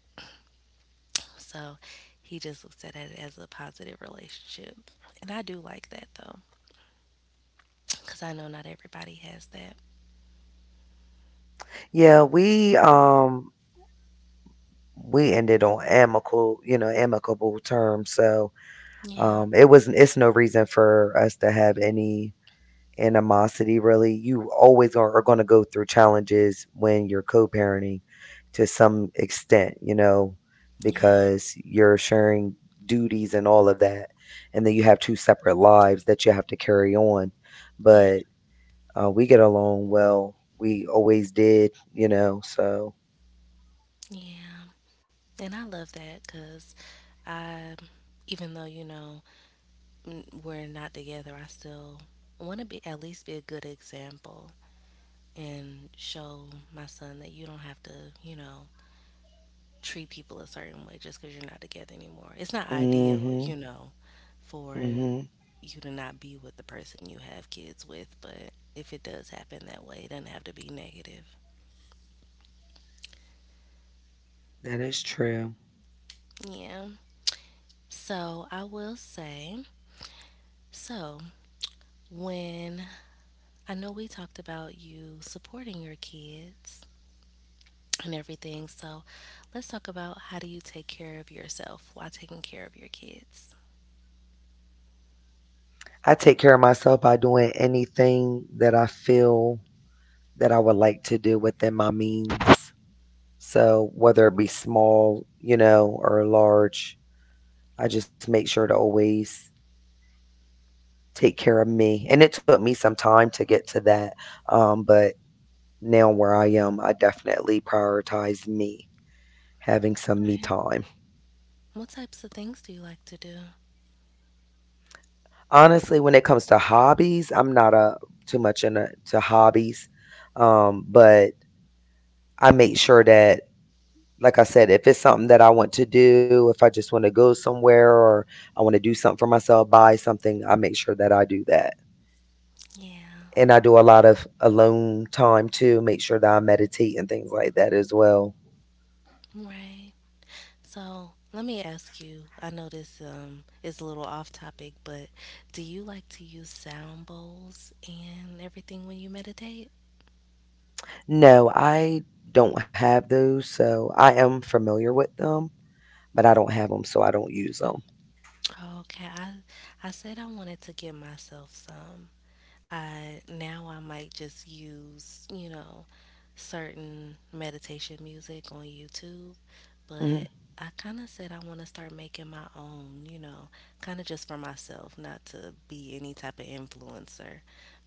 Speaker 1: So he just looks at it as a positive relationship. And I do like that though because I know not everybody has that.
Speaker 2: Yeah, we ended on amicable, amicable terms. So,
Speaker 1: Yeah,
Speaker 2: it's no reason for us to have any animosity really. You always are going to go through challenges when you're co-parenting to some extent, you know,
Speaker 1: yeah,
Speaker 2: because you're sharing duties and all of that. And then you have two separate lives that you have to carry on. But
Speaker 1: yeah,
Speaker 2: we get along well. We always did, you know, so.
Speaker 1: yeah. And I love that because I, even though, you know, we're not together, I still want to be at least be a good example and show my son that you don't have to, you know, treat people a certain way just because you're not together anymore. It's not ideal,
Speaker 2: Mhm.
Speaker 1: you know, for
Speaker 2: Mhm.
Speaker 1: you to not be with the person you have kids with, but if it does happen that way, it doesn't have to be negative.
Speaker 2: That is true.
Speaker 1: Yeah. So I will say, so when I know we talked about you supporting your kids and everything, so let's talk about, how do you take care of yourself while taking care of your kids?
Speaker 2: I take care of myself by doing anything that I feel that I would like to do within my means. So whether it be small, you know, or large, I just make sure to always take care of me. And it took me some time to get to that. But now where I am, I definitely prioritize me having some me
Speaker 1: Right.
Speaker 2: time.
Speaker 1: What types of things do you like to do?
Speaker 2: Honestly, when it comes to hobbies, I'm not a too much into hobbies. But I make sure that, like I said, if it's something that I want to do, if I just want to go somewhere or I want to do something for myself, buy something, I make sure that I do that.
Speaker 1: Yeah,
Speaker 2: And I do a lot of alone time too, make sure that I meditate and things like that as well.
Speaker 1: right. So let me ask you. I know this is a little off topic, but do you like to use sound bowls and everything when you meditate?
Speaker 2: No, I don't have those, so I am familiar with them, but I don't have them, so I don't use them.
Speaker 1: Okay, I said I wanted to get myself some. I now I might just use, you know, certain meditation music on YouTube, but
Speaker 2: Hmm.
Speaker 1: I kind of said I want to start making my own, you know, kind of just for myself, not to be any type of influencer,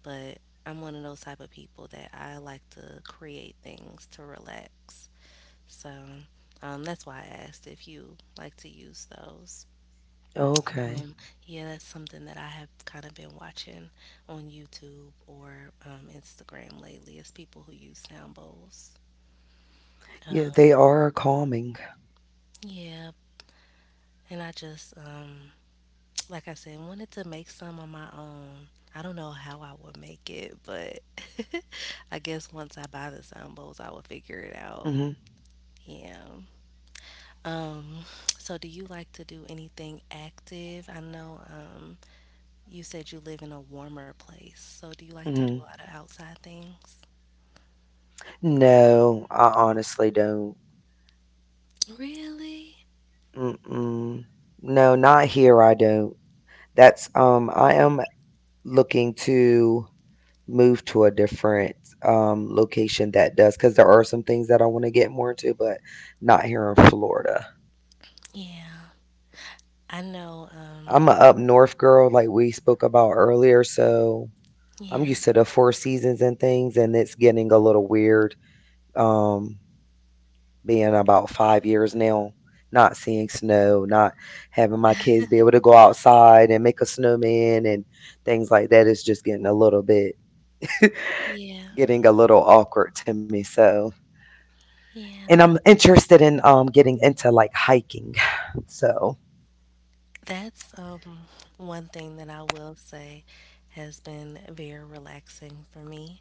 Speaker 1: but I'm one of those type of people that I like to create things to relax. So, that's why I asked if you like to use those.
Speaker 2: Okay.
Speaker 1: Um, yeah, that's something that I have kind of been watching on YouTube or Instagram lately is people who use sound bowls.
Speaker 2: Yeah, they
Speaker 1: Um,
Speaker 2: are calming.
Speaker 1: yeah, and I like I said, wanted to make some on my own. I don't know how I would make it, but I guess once I buy the sound bowls, I will figure it out.
Speaker 2: Hmm.
Speaker 1: Yeah. Um, so do you like to do anything active? I know, you said you live in a warmer place, so do you like to do a
Speaker 2: Hmm.
Speaker 1: lot of outside things?
Speaker 2: No, I honestly don't.
Speaker 1: Really?
Speaker 2: Mm-mm. No, not here. I don't. That's. I am looking to move to a different location that does, because there are some things that I want to get more into, but not here in Florida.
Speaker 1: Yeah. I know,
Speaker 2: I'm a up north girl, like we spoke about earlier, so I'm
Speaker 1: yeah,
Speaker 2: used to the four seasons and things, and it's getting a little weird. Um, being about 5 years now, not seeing snow, not having my kids be able to go outside and make a snowman and things like that is just
Speaker 1: yeah,
Speaker 2: getting a little awkward to me. So, and I'm
Speaker 1: yeah.
Speaker 2: interested in getting into like hiking. So,
Speaker 1: That's one thing that I will say has been very relaxing for me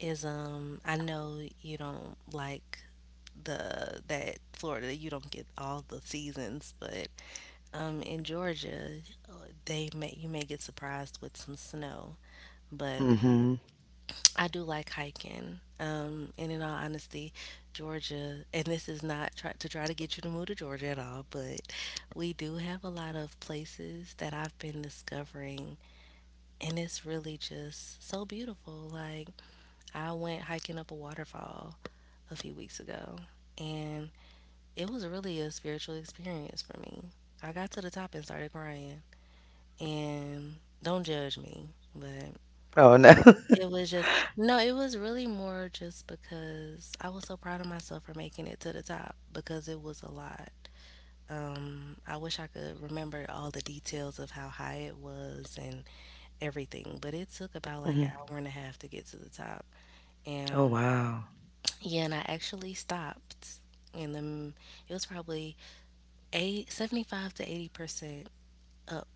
Speaker 1: is I know you don't like the that Florida, you don't get all the seasons, but in Georgia they may you may get surprised with some snow, but
Speaker 2: hmm.
Speaker 1: I do like hiking. And in all honesty, Georgia, and this is not try to get you to move to Georgia at all, but we do have a lot of places that I've been discovering, and it's really just so beautiful. Like I went hiking up a waterfall a few weeks ago, and it was really a spiritual experience for me. I got to the top and started crying, and don't judge me, but
Speaker 2: Oh no.
Speaker 1: it was just no, it was really more just because I was so proud of myself for making it to the top because it was a lot. I wish I could remember all the details of how high it was and everything, but it took about like
Speaker 2: Hmm.
Speaker 1: an hour and a half to get to the top.
Speaker 2: Oh
Speaker 1: And
Speaker 2: wow.
Speaker 1: yeah, and I actually stopped, and then it was probably 75 to 80% up.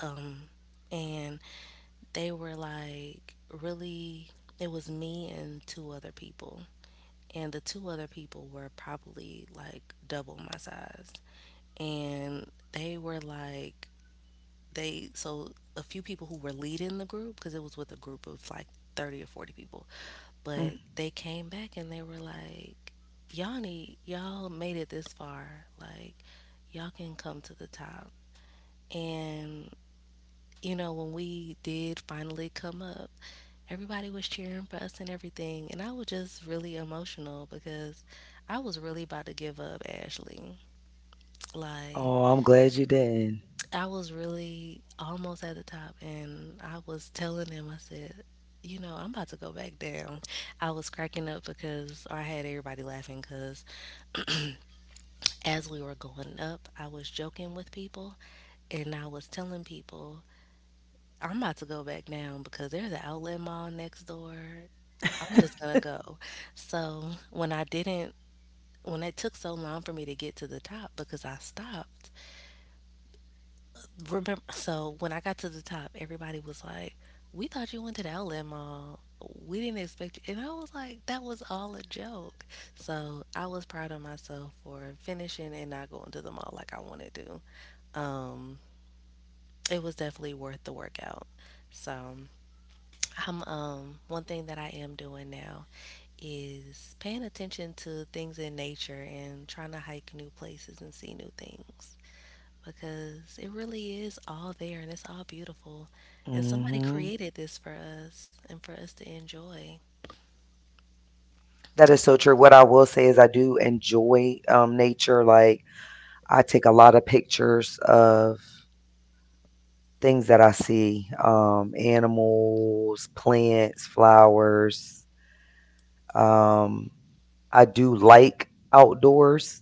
Speaker 1: Um, and they were like really it was me and two other people, and the two other people were probably like double my size. And they were like, so a few people who were leading the group, because it was with a group of like 30 or 40 people, but
Speaker 2: Mm.
Speaker 1: they came back and they were like, y'all made it this far. Like, y'all can come to the top. And you know, when we did finally come up, everybody was cheering for us and everything. And I was just really emotional because I was really about to give up, Ashley. Like,
Speaker 2: Oh, I'm glad you did.
Speaker 1: I was really almost at the top, and I was telling them, I said, you know, I'm about to go back down. I was cracking up because or I had everybody laughing because as we were going up, I was joking with people, and I was telling people, I'm about to go back down because there's an outlet mall next door, I'm just gonna go. So when I didn't, when it took so long for me to get to the top because I stopped. Remember, so when I got to the top, everybody was like, "We thought you went to the outlet mall. We didn't expect you." And I was like, "That was all a joke." So I was proud of myself for finishing and not going to the mall like I wanted to. Um, it was definitely worth the workout. So I'm one thing that I am doing now is paying attention to things in nature and trying to hike new places and see new things, because it really is all there and it's all beautiful, and somebody
Speaker 2: Hmm.
Speaker 1: created this for us and for us to enjoy.
Speaker 2: That is so true. What I will say is I do enjoy nature. Like, I take a lot of pictures of things that I see, animals, plants, flowers. Um, I do like outdoors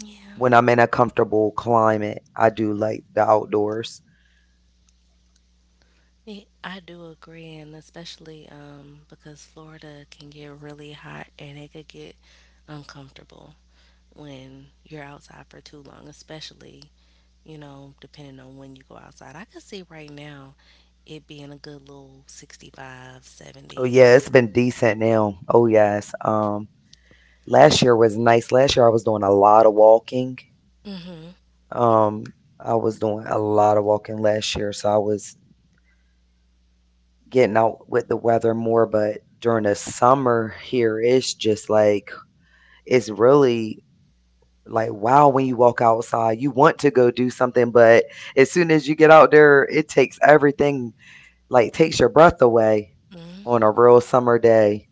Speaker 1: Yeah.
Speaker 2: when I'm in a comfortable climate. I do like the outdoors.
Speaker 1: Ye- I do agree, and especially because Florida can get really hot and it could get uncomfortable when you're outside for too long, especially, you know, depending on when you go outside. I could see right now it being a good little 65,
Speaker 2: Oh
Speaker 1: 70.
Speaker 2: yeah, it's been decent now. Oh
Speaker 1: 70.
Speaker 2: yes. Last year was nice. Last year I was doing a lot of walking. Um I was doing a lot of walking last year, so I was getting out with the weather more. But during the summer here, it's just like, it's really like, wow, when you walk outside you want to go do something, but as soon as you get out there it takes everything, like takes your breath away
Speaker 1: Mhm.
Speaker 2: on a real summer day.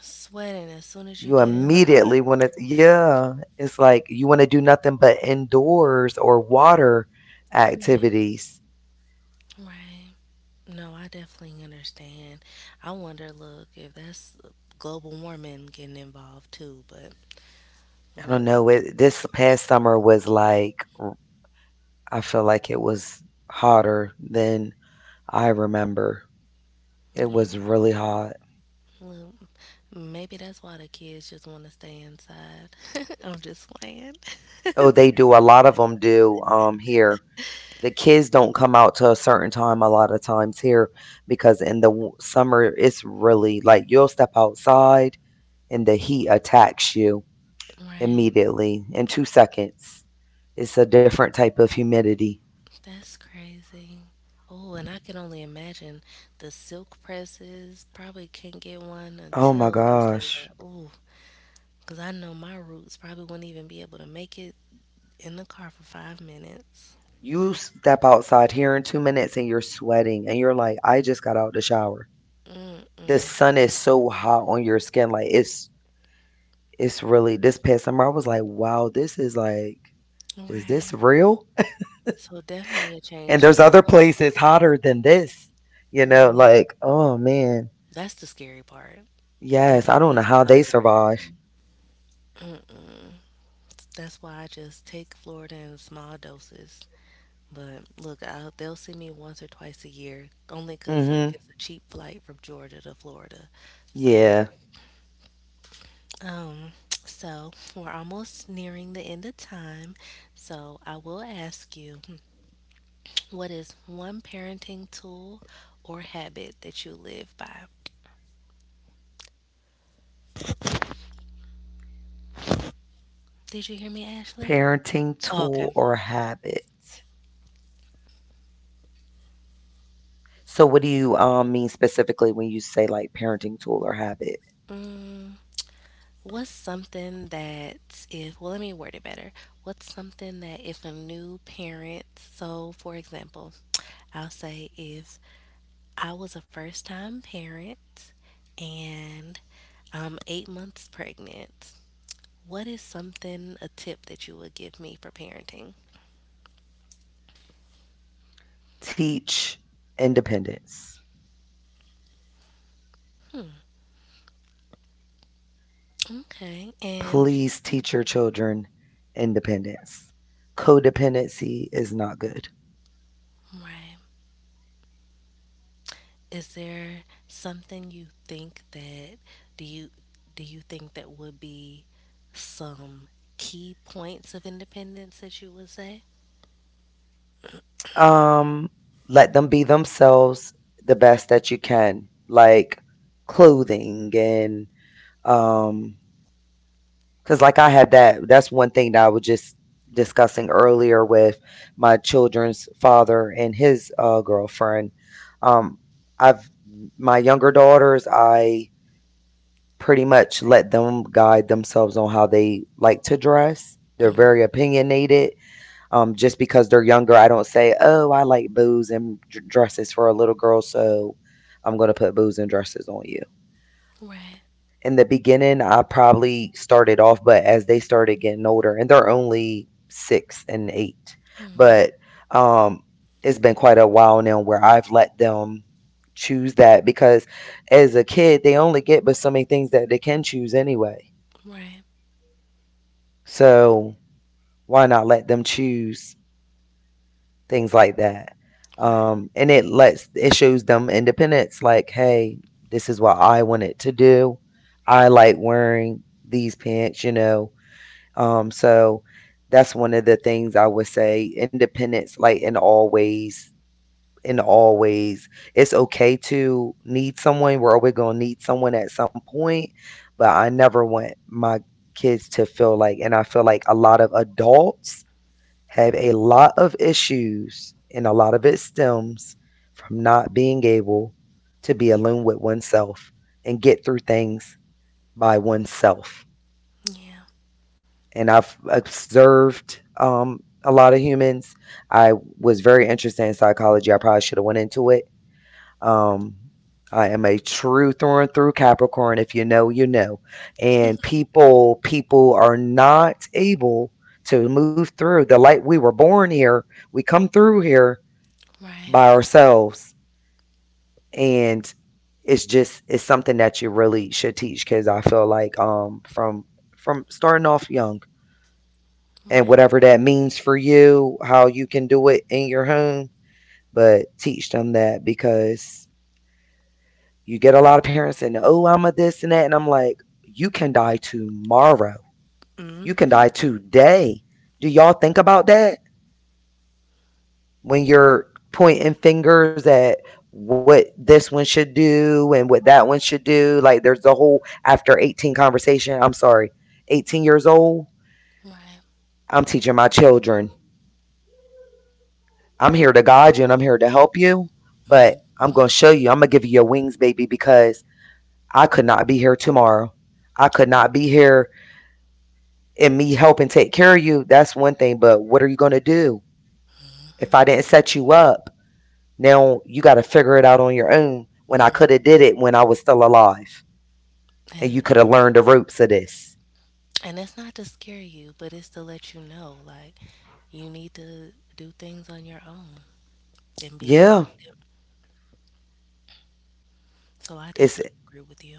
Speaker 1: Sweating as soon as you
Speaker 2: You
Speaker 1: get in the car.
Speaker 2: immediately want to, yeah, it's like you want to do nothing but indoors or water
Speaker 1: Right.
Speaker 2: activities.
Speaker 1: Right. No, I definitely understand. I wonder, look, if that's global warming getting involved too, but
Speaker 2: I
Speaker 1: look,
Speaker 2: don't know. It, this past summer was like, I feel like it was hotter than I remember. It
Speaker 1: yeah,
Speaker 2: was really hot.
Speaker 1: well, maybe that's why the kids just want to stay inside. I'm just playing.
Speaker 2: Oh, they do, a lot of them do here. The kids don't come out to a certain time a lot of times here, because in the summer it's really like you'll step outside and the heat attacks you
Speaker 1: Right,
Speaker 2: immediately in 2 seconds. It's a different type of humidity.
Speaker 1: that's crazy. Oh, and I can only imagine the silk presses probably can't get one
Speaker 2: Oh my
Speaker 1: until
Speaker 2: gosh.
Speaker 1: December. Oh, because I know my roots probably wouldn't even be able to make it in the car for 5 minutes.
Speaker 2: You step outside here in 2 minutes and you're sweating and you're like, I just got out of the shower. The
Speaker 1: Mm-mm.
Speaker 2: sun is so hot on your skin, like it's really, this past summer I was like, wow, this is like, is this
Speaker 1: Right.
Speaker 2: real?
Speaker 1: So definitely a
Speaker 2: And
Speaker 1: change to
Speaker 2: there's
Speaker 1: what
Speaker 2: other
Speaker 1: you're used
Speaker 2: places hotter than this, you
Speaker 1: to.
Speaker 2: know,
Speaker 1: Right.
Speaker 2: like, oh man.
Speaker 1: That's the scary part, that
Speaker 2: Yes,
Speaker 1: there
Speaker 2: I
Speaker 1: are
Speaker 2: don't know
Speaker 1: places
Speaker 2: how
Speaker 1: hotter
Speaker 2: they survive.
Speaker 1: than Florida. That's why I just take Florida in small doses. But look, I they'll see me once or twice a year, only 'cause look,
Speaker 2: Hmm.
Speaker 1: it's a cheap flight from Georgia to Florida. So,
Speaker 2: Yeah.
Speaker 1: um, so we're almost nearing the end of time. So I will ask you, what is one parenting tool or habit that you live by? Did you hear me, Ashley?
Speaker 2: Parenting
Speaker 1: Oh, okay.
Speaker 2: tool or habit. So what do you mean specifically when you say like parenting tool or habit?
Speaker 1: What's something that if well let me word it better. What's something that if a new parent so for example, I'll say if I was a first time parent and I'm 8 months pregnant, what is something, a tip that you would give me for parenting?
Speaker 2: Teach independence.
Speaker 1: Okay. And
Speaker 2: Please teach your children independence. Codependency is not good.
Speaker 1: right. Is there something you think that do you do you think that would be some key points of independence that you would say?
Speaker 2: Um, let them be themselves the best that you can, like clothing and um, because like I had that. That's one thing that I was just discussing earlier with my children's father and his girlfriend. Um, I've my younger daughters. I pretty much let them guide themselves on how they like to dress. They're very opinionated, just because they're younger, I don't say, "Oh, I like bows and dresses for a little girl, so I'm going to put bows and dresses on you."
Speaker 1: Right,
Speaker 2: In the beginning, I probably started off, but as they started getting older, and they're only 6 and 8, but um, it's been quite a while now where I've let them choose that, because as a kid, they only get but so many things that they can choose anyway.
Speaker 1: right,
Speaker 2: So why not let them choose things like that.
Speaker 1: right.
Speaker 2: And it lets, it shows them independence. Like, hey, this is what I wanted to do. I like wearing these pants, you know. So that's one of the things I would say. Independence, like in all ways, it's okay to need someone. We're always gonna need someone at some point, but I never want my kids to feel like, and I feel like a lot of adults have a lot of issues, and a lot of it stems from not being able to be alone with oneself and get through things by oneself.
Speaker 1: Yeah,
Speaker 2: And I've observed, a lot of humans. I was very interested in psychology. I probably should have went into it. Um, I am a true through and through Capricorn. If you know, you know. And people are not able to move through the light. We were born here. We come through here
Speaker 1: right,
Speaker 2: by ourselves, and it's just, it's something that you really should teach kids, I feel like, from starting off young, and
Speaker 1: right.
Speaker 2: whatever that means for you, how you can do it in your home. But teach them that, because you get a lot of parents saying, oh, I'm a this and that, and I'm like, you can die tomorrow, you can
Speaker 1: Mm-hmm.
Speaker 2: die today. Do y'all think about that when you're pointing fingers at what this one should do and what that one should do? Like, there's the whole after 18 conversation. I'm sorry, 18 years old.
Speaker 1: Right.
Speaker 2: I'm teaching my children. I'm here to guide you and I'm here to help you, but I'm going
Speaker 1: Mm-hmm.
Speaker 2: to show you. I'm going to give you your wings, baby, because I could not be here tomorrow. I could
Speaker 1: Right.
Speaker 2: not be here and me helping take care of you. That's one thing, but what are you going to do if I didn't set you up? Now you got to figure it out on your own when I
Speaker 1: Mm.
Speaker 2: could have did it when I was still alive, and
Speaker 1: And
Speaker 2: you could have learned the ropes of this.
Speaker 1: and that's not to scare you, but it's to let you know like you need to do things on your own and be
Speaker 2: Yeah,
Speaker 1: independent. So I
Speaker 2: it's,
Speaker 1: definitely agree with you.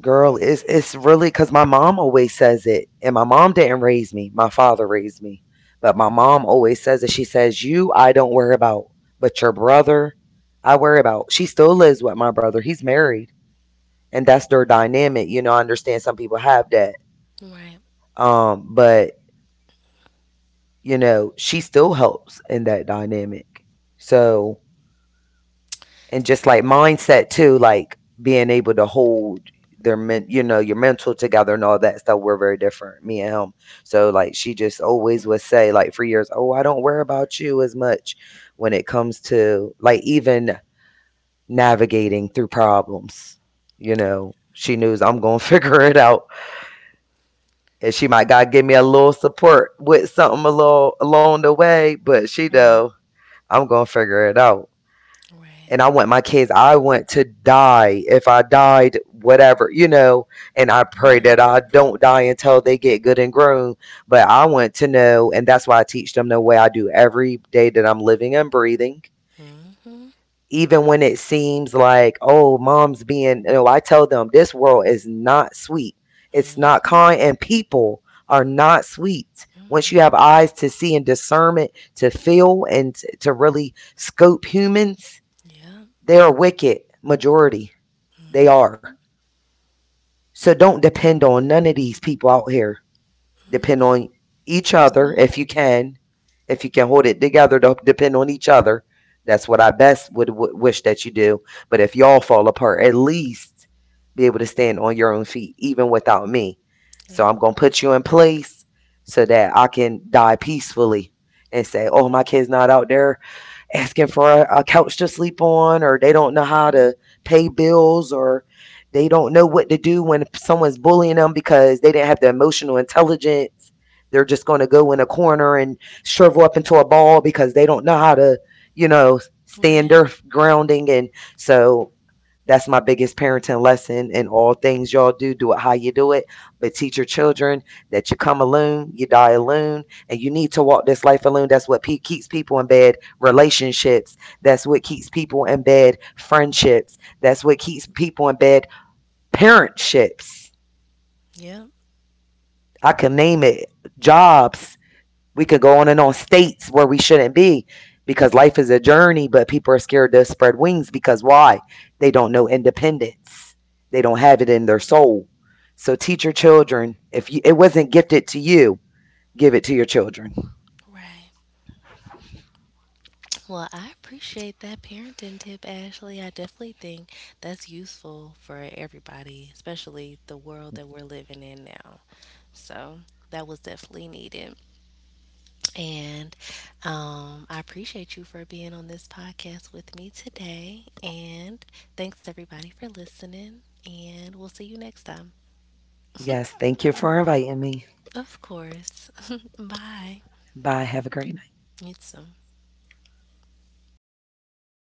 Speaker 2: girl, it's really cuz my mom always says it, and my mom didn't raise me. My father raised me. But my mom always says it. She says, "You I don't worry about, but your brother I worry about." She still lives with my brother. He's married, and that's their dynamic. You know, I understand some people have that.
Speaker 1: Right,
Speaker 2: But you know, she still helps in that dynamic. So, and just like mindset too, like being able to hold their men, you know, your mental together and all that stuff. We're very different, me and him. So like, she just always would say, like for years, oh, I don't worry about you as much when it comes to like even navigating through problems. You know, she knows I'm gonna figure it out, and she might, God give me a little support with something a little along the way, but she
Speaker 1: right,
Speaker 2: know I'm gonna figure it out.
Speaker 1: right.
Speaker 2: And I want my kids, I want to die, if I died, whatever, you know, and I pray
Speaker 1: Yeah.
Speaker 2: that I don't die until they get good and grown. But I want to know, and that's why I teach them the way I do every day that I'm living and breathing.
Speaker 1: Mm-hmm.
Speaker 2: Even when it seems like, oh, mom's being, you know, I tell them this world is not sweet. It's not
Speaker 1: Mm-hmm.
Speaker 2: kind, and people are not sweet. Once you have
Speaker 1: Mm-hmm.
Speaker 2: eyes to see, and discernment to feel, and to really scope humans,
Speaker 1: Yeah.
Speaker 2: they are wicked, majority. They are. So don't depend on none of these people out here. Depend on each other
Speaker 1: Yourself.
Speaker 2: if you can. If you can hold it together, to depend on each other. That's what I best would wish that you do. But if y'all fall apart, at least be able to stand on your own feet, even without me. So
Speaker 1: Yeah.
Speaker 2: I'm going to put you in place so that I can die peacefully and say, oh, my kid's not out there asking for a couch to sleep on, or they don't know how to
Speaker 1: hmm
Speaker 2: pay bills, or they don't know what to do when someone's bullying them because they didn't have the emotional intelligence. They're just going to go in a corner and shrivel up into a ball because they don't know how to, you know, stand
Speaker 1: Right.
Speaker 2: their grounding. And so that's my biggest parenting lesson. In all things y'all do, do it how you do it, but teach your children that you come alone, you die alone, and you need to walk this life alone. That's what keeps people in bed. Relationships. That's what keeps people in bed. Friendships. That's what keeps people in bed. Parentships.
Speaker 1: Yep.
Speaker 2: I can name it. Jobs. We could go on and on, states where we shouldn't be, because life is a journey, but people are scared to spread wings because why? They don't know independence. They don't have it in their soul. So teach your children. If you, it wasn't gifted to you, give it to your children.
Speaker 1: Right. Well, I appreciate that parenting tip, Ashley. I definitely think that's useful for everybody, especially the world that we're living in now. So that was definitely needed. And I appreciate you for being on this podcast with me today. And thanks, everybody, for listening. And we'll see you next time.
Speaker 2: Yes, thank you for inviting me.
Speaker 1: Of course. Bye.
Speaker 2: Bye. Have a great night.
Speaker 1: You too.